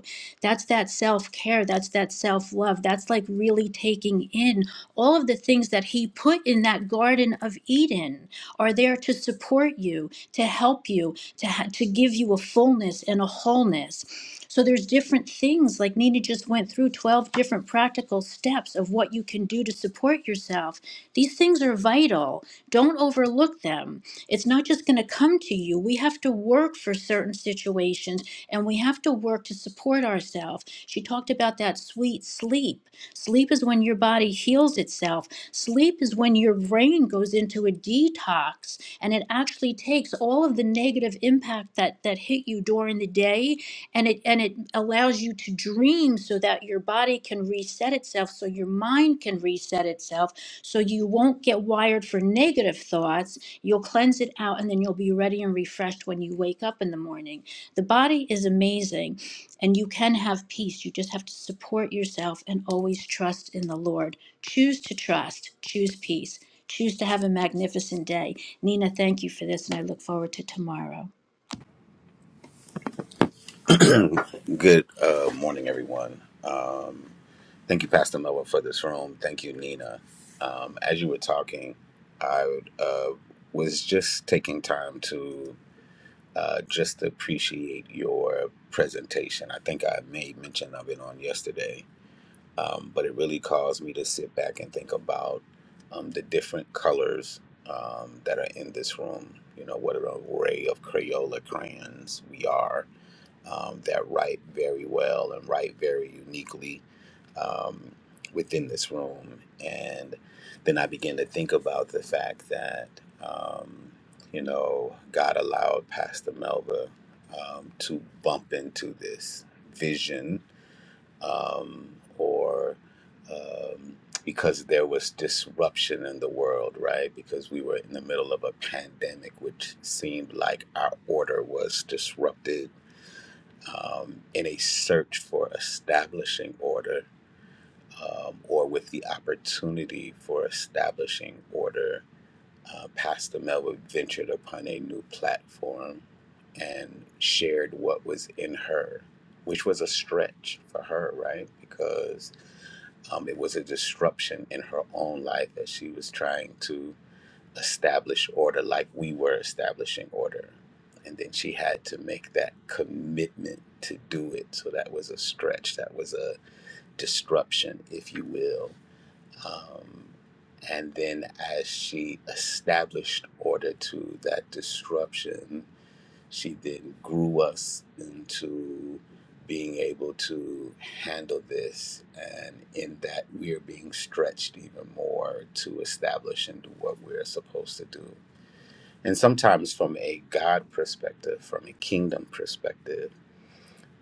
that's that self care. That's that self love. That's like really taking in all of the things that He put in that Garden of Eden are there to support you, to help you, to, ha- to give you a fullness and a wholeness. So there's different things like Nina just went through 12 different practical steps of what you can do to support yourself. These things are vital. Don't overlook them it's not just going to come to you. We have to work for certain situations and we have to work to support ourselves. She talked about that sweet sleep. Sleep is when your body heals itself, sleep is when your brain goes into a detox and it actually takes all of the negative impact that, that hit you during the day and it and it allows you to dream so that your body can reset itself so your mind can reset itself so you won't get wired for negative thoughts You'll cleanse it out and then you'll be ready and refreshed when you wake up in the morning. The body is amazing and you can have peace. You just have to support yourself and always trust in the Lord. Choose to trust, choose peace, choose to have a magnificent day. Nina, thank you for this and I look forward to tomorrow. Good uh, morning, everyone. Um, thank you, Pastor Noah, for this room. Thank you, Nina. Um, as you were talking, I would, uh, was just taking time to uh, just appreciate your presentation. I think I made mention of it on yesterday, um, but it really caused me to sit back and think about um, the different colors um, that are in this room. You know, what an array of Crayola crayons we are um, that write very well and write very uniquely um, within this room. And then I began to think about the fact that, um, you know, God allowed Pastor Melva um, to bump into this vision um, or um, because there was disruption in the world, right? Because we were in the middle of a pandemic, which seemed like our order was disrupted um, in a search for establishing order um, or with the opportunity for establishing order, uh, Pastor Melba ventured upon a new platform and shared what was in her, which was a stretch for her, right? Because um, it was a disruption in her own life as she was trying to establish order like we were establishing order. And then she had to make that commitment to do it. So that was a stretch, that was a disruption, if you will. Um, and then as she established order to that disruption, she then grew us into being able to handle this. And in that, we are being stretched even more to establish and do what we're supposed to do and sometimes from a God perspective, from a kingdom perspective,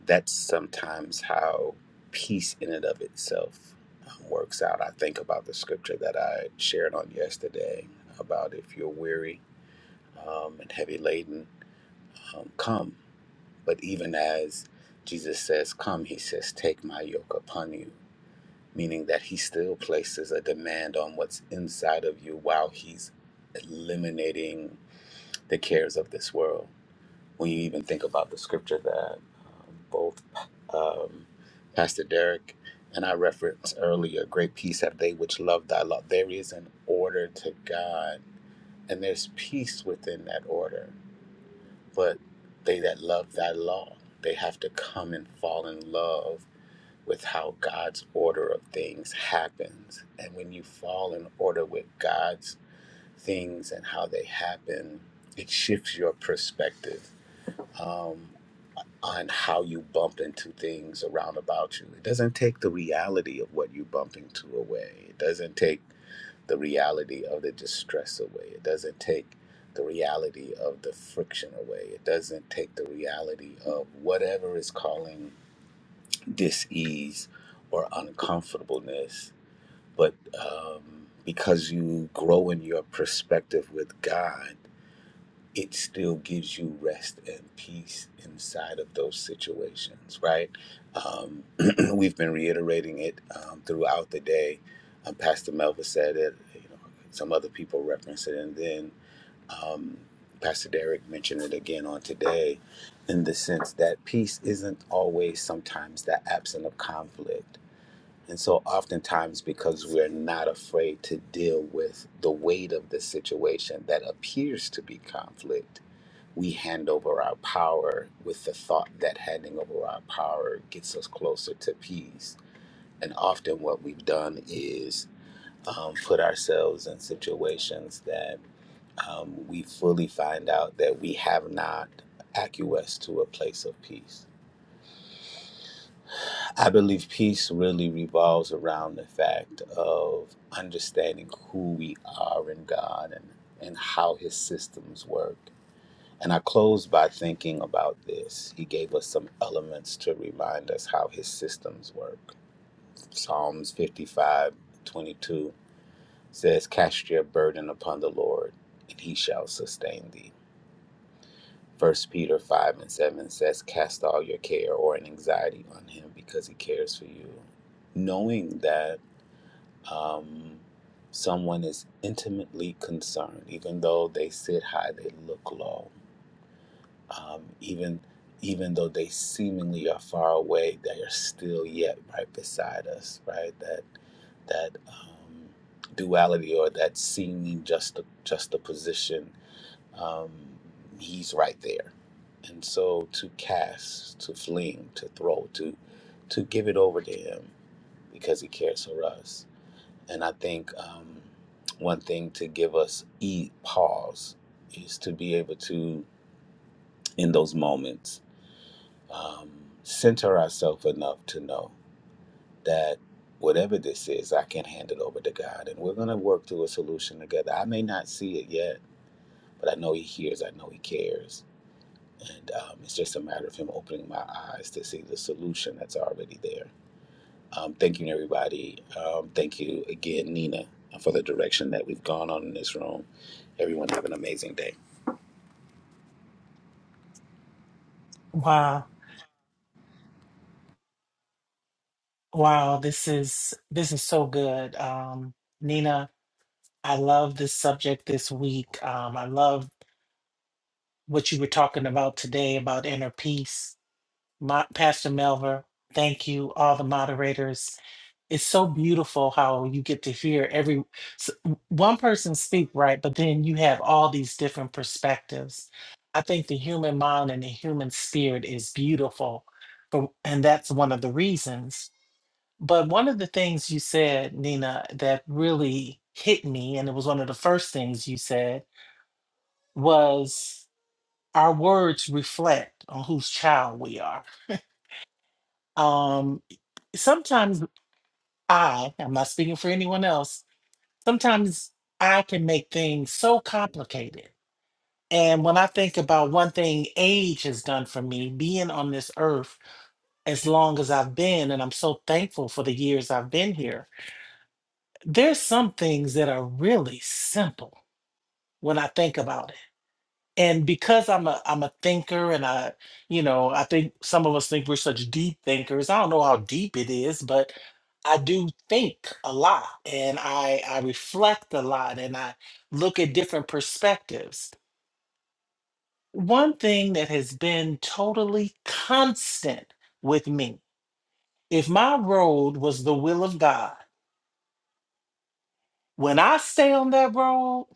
that's sometimes how peace in and of itself um, works out. I think about the scripture that I shared on yesterday about if you're weary um, and heavy laden, um, come. But even as Jesus says, come, he says, take my yoke upon you, meaning that he still places a demand on what's inside of you while he's eliminating the cares of this world when you even think about the scripture that um, both um, Pastor Derek and I referenced earlier, great peace have they which love thy law. There is an order to God, and there's peace within that order. But they that love thy law, they have to come and fall in love with how God's order of things happens. And when you fall in order with God's things and how they happen, it shifts your perspective. Um, on how you bump into things around about you. It doesn't take the reality of what you bump into away. It doesn't take the reality of the distress away. It doesn't take the reality of the friction away. It doesn't take the reality of whatever is calling dis-ease or uncomfortableness. But um, because you grow in your perspective with God, it still gives you rest and peace inside of those situations, right? Um, *clears throat* we've been reiterating it um, throughout the day. Um, Pastor Melva said it, you know, some other people referenced it, and then um, Pastor Derek mentioned it again on today in the sense that peace isn't always sometimes the absence of conflict. And so, oftentimes, because we're not afraid to deal with the weight of the situation that appears to be conflict, we hand over our power with the thought that handing over our power gets us closer to peace. And often, what we've done is um, put ourselves in situations that um, we fully find out that we have not acquiesced to a place of peace. I believe peace really revolves around the fact of understanding who we are in God and, and how His systems work And I close by thinking about this. He gave us some elements to remind us how his systems work. Psalms 55 22 says, Cast your burden upon the Lord, and he shall sustain thee. First Peter 5 and 7 says, Cast all your care or an anxiety on him because he cares for you. Knowing that um, someone is intimately concerned, even though they sit high, they look low um, even even though they seemingly are far away, they are still yet right beside us. Right, that that um, duality or that seeming just juxtaposition, um, he's right there. And so to cast, to fling, to throw, to to give it over to him because he cares for us. And I think um, one thing to give us e pause is to be able to in those moments um, center ourselves enough to know that whatever this is, I can hand it over to God, and we're going to work through a solution together. I may not see it yet, but I know He hears. I know He cares, and um, it's just a matter of Him opening my eyes to see the solution that's already there. Um, thank you, everybody. Um, thank you again, Nina, for the direction that we've gone on in this room. Everyone have an amazing day. Wow. Wow, this is this is so good. Um Nina, I love this subject this week. Um I love what you were talking about today about inner peace. My, Pastor Melver, thank you all the moderators. It's so beautiful how you get to hear every s- one person speak, right? But then you have all these different perspectives. I think the human mind and the human spirit is beautiful. For, and that's one of the reasons. But one of the things you said, Nina, that really hit me, and it was one of the first things you said, was our words reflect on whose child we are. Um, sometimes I, I'm not speaking for anyone else, sometimes I can make things so complicated. And when I think about one thing age has done for me, being on this earth as long as I've been, and I'm so thankful for the years I've been here, there's some things that are really simple when I think about it. And because I'm a I'm a thinker and I, you know, I think some of us think we're such deep thinkers. I don't know how deep it is, but I do think a lot and I I reflect a lot and I look at different perspectives. One thing that has been totally constant with me, if my road was the will of God, when I stay on that road,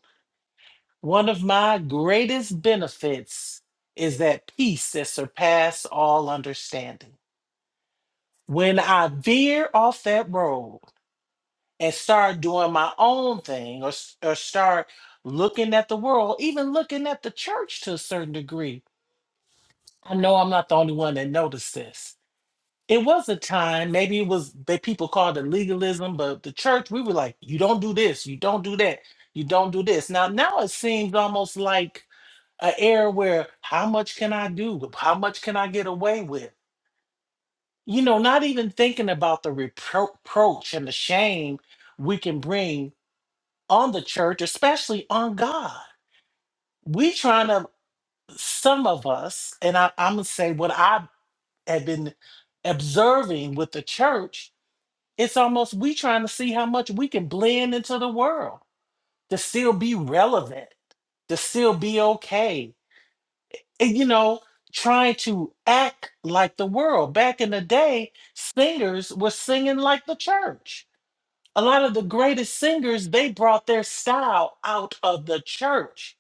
One of my greatest benefits is that peace that surpasses all understanding. When I veer off that road and start doing my own thing or, s- or start looking at the world, even looking at the church to a certain degree, I know I'm not the only one that noticed this. It was a time, maybe it was that people called it legalism, but the church, we were like, you don't do this, you don't do that, you don't do this. Now, now it seems almost like an era where how much can I do? How much can I get away with? You know, not even thinking about the repro- reproach and the shame we can bring on the church, especially on God. We trying to some of us, and I, I'm gonna say what I have been observing with the church. It's almost we trying to see how much we can blend into the world to still be relevant, to still be okay, and, you know, trying to act like the world. Back in the day, singers were singing like the church. A lot of the greatest singers, they brought their style out of the church.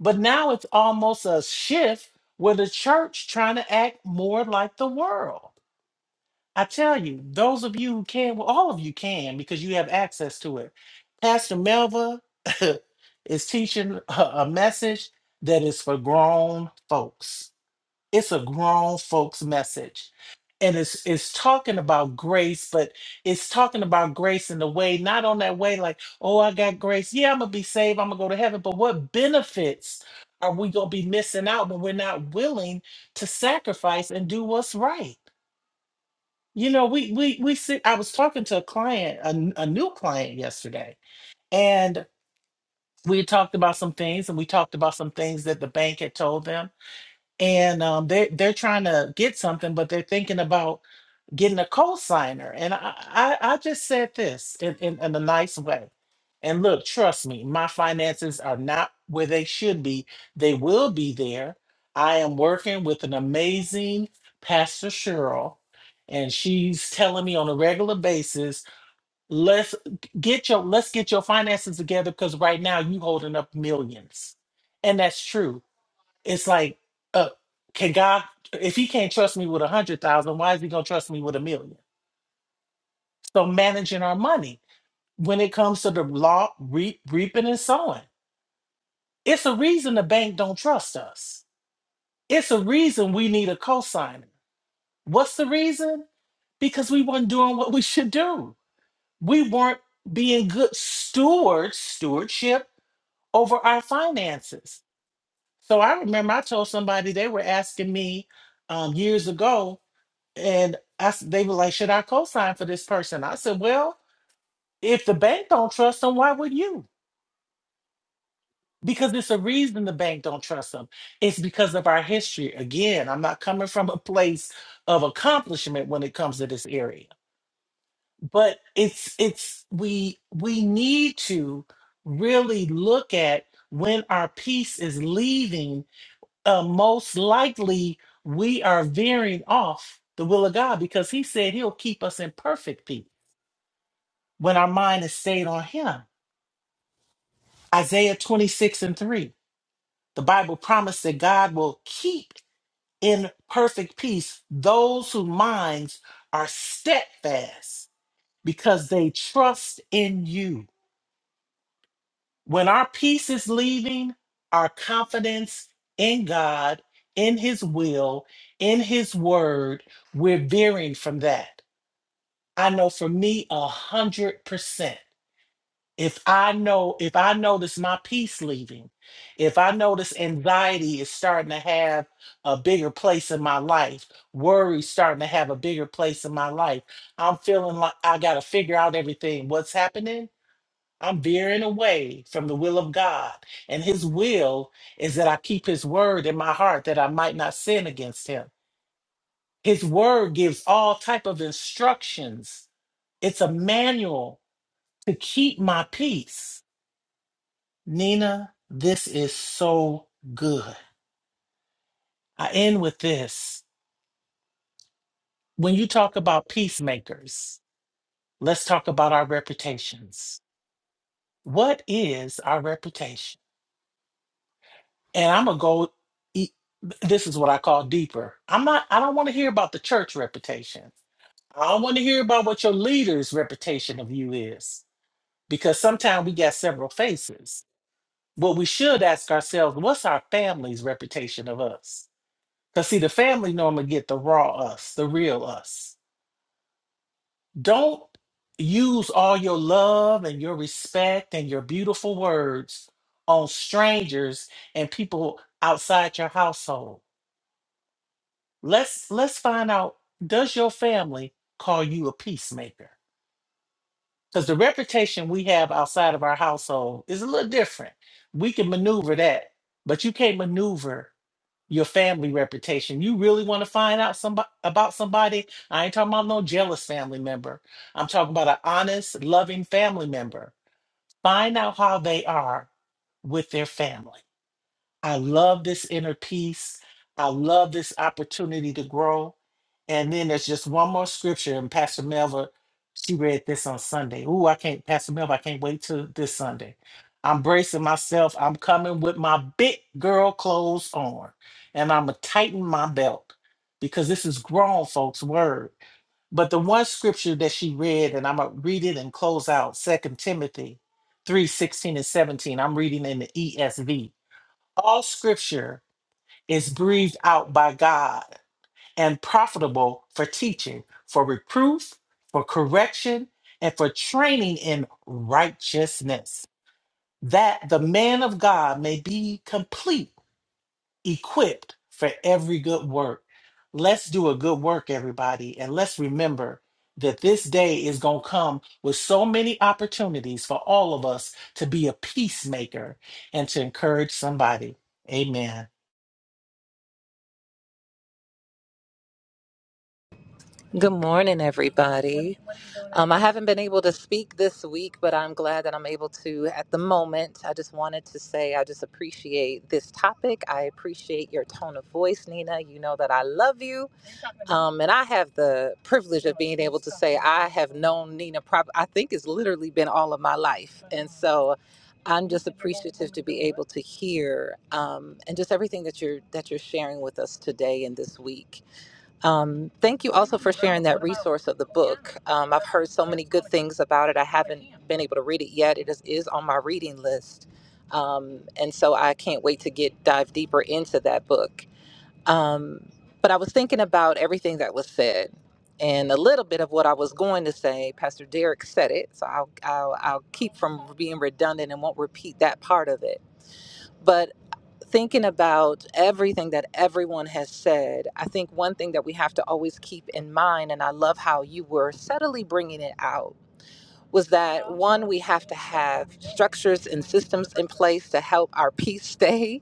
But now it's almost a shift where the church trying to act more like the world. I tell you, those of you who can, well, all of you can because you have access to it. Pastor Melva *laughs* is teaching a a message that is for grown folks it's a grown folks message and it's it's talking about grace but it's talking about grace in the way not on that way like oh i got grace yeah i'm gonna be saved i'm gonna go to heaven but what benefits are we gonna be missing out when we're not willing to sacrifice and do what's right you know we we we sit i was talking to a client a, n- a new client yesterday and we talked about some things and we talked about some things that the bank had told them and um, they they're trying to get something, but they're thinking about getting a co-signer. And I I, I just said this in, in in a nice way. And look, trust me, my finances are not where they should be. They will be there. I am working with an amazing Pastor Cheryl, and she's telling me on a regular basis, let's get your let's get your finances together because right now you holding up millions. And that's true it's like, uh, can God, if He can't trust me with a hundred thousand, why is He gonna trust me with a million? So managing our money when it comes to the law, re- reaping and sowing, it's a reason the bank don't trust us. It's a reason we need a cosigner. What's the reason? Because we weren't doing what we should do. We weren't being good stewards, stewardship over our finances. So I remember I told somebody they were asking me um, years ago And I, s- they were like, should I co-sign for this person? I said, well, if the bank don't trust them, why would you? Because it's a reason the bank don't trust them. It's because of our history. Again, I'm not coming from a place of accomplishment when it comes to this area, but it's it's we we need to really look at when our piece is leaving. Uh, most likely, we are veering off the will of God because He said He'll keep us in perfect peace. when our mind is stayed on Him. Isaiah 26 and 3, the Bible promised that God will keep in perfect peace those whose minds are steadfast because they trust in you. When our peace is leaving, our confidence in God, in His will, in His word, we're veering from that. I know for me, a 100%. if i know if i notice my peace leaving if i notice anxiety is starting to have a bigger place in my life worry starting to have a bigger place in my life i'm feeling like i gotta figure out everything what's happening i'm veering away from the will of god and his will is that i keep his word in my heart that i might not sin against him his word gives all type of instructions it's a manual to keep my peace Nina, this is so good. I end with this. When you talk about peacemakers, let's talk about our reputations. What is our reputation? And I'm going to go, e- this is what I call deeper. I'm not, I don't want to hear about the church reputation. I don't want to hear about what your leader's reputation of you is, because sometimes we got several faces. What we should ask ourselves, what's our family's reputation of us? Cause see, the family know I'm gonna get the raw us, the real us. Don't use all your love and your respect and your beautiful words on strangers and people outside your household. Let's let's find out, does your family call you a peacemaker? Because the reputation we have outside of our household is a little different. We can maneuver that, but you can't maneuver your family reputation. You really want to find out somebody about somebody? I ain't talking about no jealous family member. I'm talking about an honest, loving family member. Find out how they are with their family. I love this inner peace. I love this opportunity to grow. And then there's just one more scripture, and Pastor Melva, she read this on Sunday. Ooh, I can't, Pastor Melva, I can't wait till this Sunday. I'm bracing myself. I'm coming with my big girl clothes on, and I'm going to tighten my belt because this is grown folks' word. But the one scripture that she read, and I'm gonna read it and close out, Second Timothy 3 16 and 17. I'm reading in the ESV. All scripture is breathed out by God and profitable for teaching, for reproof, for correction, and for training in righteousness, that the man of God may be complete, equipped for every good work. Let's do a good work, everybody, and let's remember that this day is going to come with so many opportunities for all of us to be a peacemaker and to encourage somebody. Amen. Good morning, everybody. Um, I haven't been able to speak this week, but I'm glad that I'm able to at the moment. I just wanted to say I just appreciate this topic. I appreciate your tone of voice, Nina. You know that I love you. Um, and I have the privilege of being able to say I have known Nina, prob- I think it's literally been all of my life. And so I'm just appreciative to be able to hear um, and just everything that you're that you're sharing with us today and this week. Um, thank you also for sharing that resource of the book. Um, I've heard so many good things about it. I haven't been able to read it yet. It is, is on my reading list. Um, and so I can't wait to get dive deeper into that book. Um, but I was thinking about everything that was said and a little bit of what I was going to say. Pastor Derek said it, so I'll, I'll, I'll keep from being redundant and won't repeat that part of it thinking about everything that everyone has said, I think one thing that we have to always keep in mind, and I love how you were subtly bringing it out, was that one, we have to have structures and systems in place to help our peace stay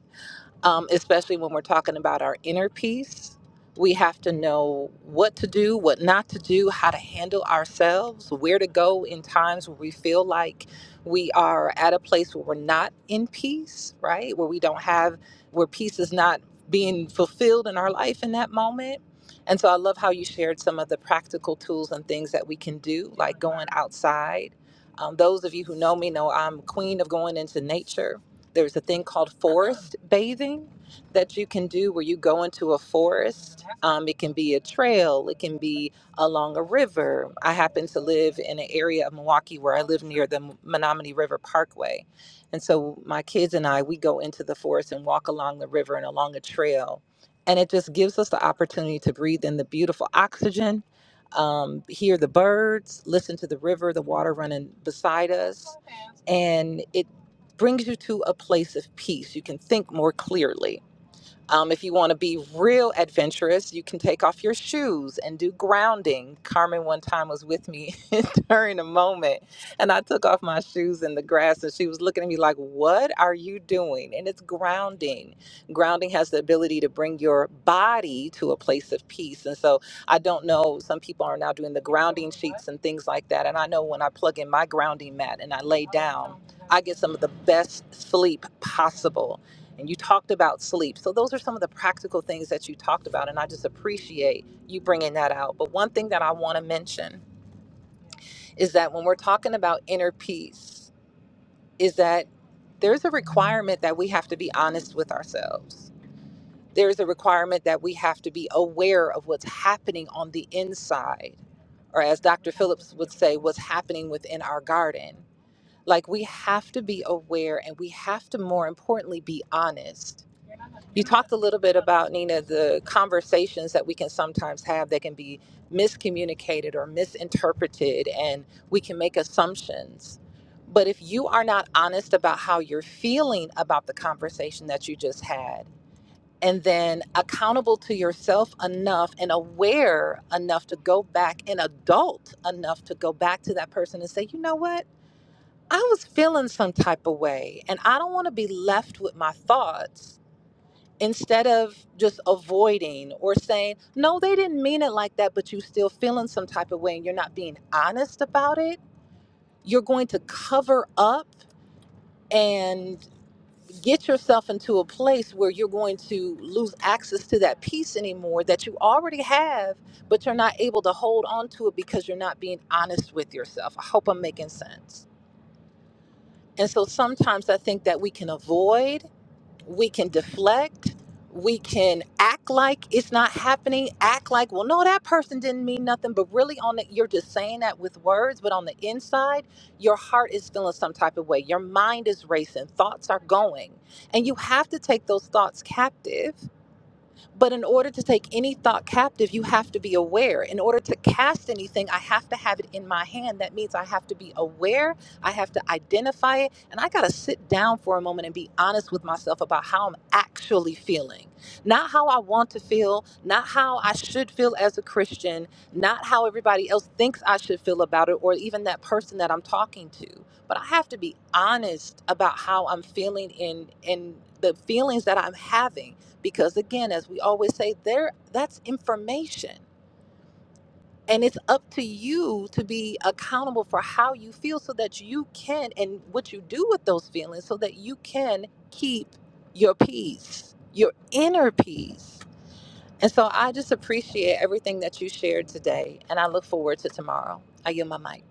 um, especially when we're talking about our inner peace. We have to know what to do, what not to do, how to handle ourselves, where to go in times where we feel like we are at a place where we're not in peace, right? Where we don't have, where peace is not being fulfilled in our life in that moment. And so I love how you shared some of the practical tools and things that we can do, like going outside. Um, those of you who know me know I'm queen of going into nature there's a thing called forest bathing that you can do where you go into a forest. Um, it can be a trail, it can be along a river. I happen to live in an area of Milwaukee where I live near the Menominee River Parkway. And so my kids and I, we go into the forest and walk along the river and along a trail. And it just gives us the opportunity to breathe in the beautiful oxygen, um, hear the birds, listen to the river, the water running beside us and it brings you to a place of peace. You can think more clearly. Um, if you want to be real adventurous, you can take off your shoes and do grounding. Carmen one time was with me *laughs* during a moment, and I took off my shoes in the grass, and she was looking at me like, What are you doing? And it's grounding. Grounding has the ability to bring your body to a place of peace. And so I don't know, some people are now doing the grounding sheets and things like that. And I know when I plug in my grounding mat and I lay down, I get some of the best sleep possible and you talked about sleep. So those are some of the practical things that you talked about, and I just appreciate you bringing that out. But one thing that I want to mention is that when we're talking about inner peace, is that there's a requirement that we have to be honest with ourselves. There's a requirement that we have to be aware of what's happening on the inside, or as Dr. Phillips would say, what's happening within our garden. Like we have to be aware and we have to, more importantly, be honest You talked a little bit about, Nina, the conversations that we can sometimes have that can be miscommunicated or misinterpreted, and we can make assumptions. But if you are not honest about how you're feeling about the conversation that you just had, and then accountable to yourself enough and aware enough to go back and adult enough to go back to that person and say, you know what? I was feeling some type of way, and I don't want to be left with my thoughts instead of just avoiding or saying, no, they didn't mean it like that, but you still feeling some type of way and you're not being honest about it, you're going to cover up and get yourself into a place where you're going to lose access to that peace anymore that you already have, but you're not able to hold on to it because you're not being honest with yourself. I hope I'm making sense. And so sometimes I think that we can avoid we can deflect we can act like it's not happening act like well no that person didn't mean nothing but really on the you're just saying that with words but on the inside your heart is feeling some type of way your mind is racing thoughts are going and you have to take those thoughts captive but in order to take any thought captive, you have to be aware. In order to cast anything, I have to have it in my hand. That means I have to be aware, I have to identify it, and I got to sit down for a moment and be honest with myself about how I'm actually feeling. Not how I want to feel, not how I should feel as a Christian, not how everybody else thinks I should feel about it, or even that person that I'm talking to. But I have to be honest about how I'm feeling in, in the feelings that I'm having because again as we always say there that's information and it's up to you to be accountable for how you feel so that you can and what you do with those feelings so that you can keep your peace your inner peace and so i just appreciate everything that you shared today and i look forward to tomorrow i yield my mic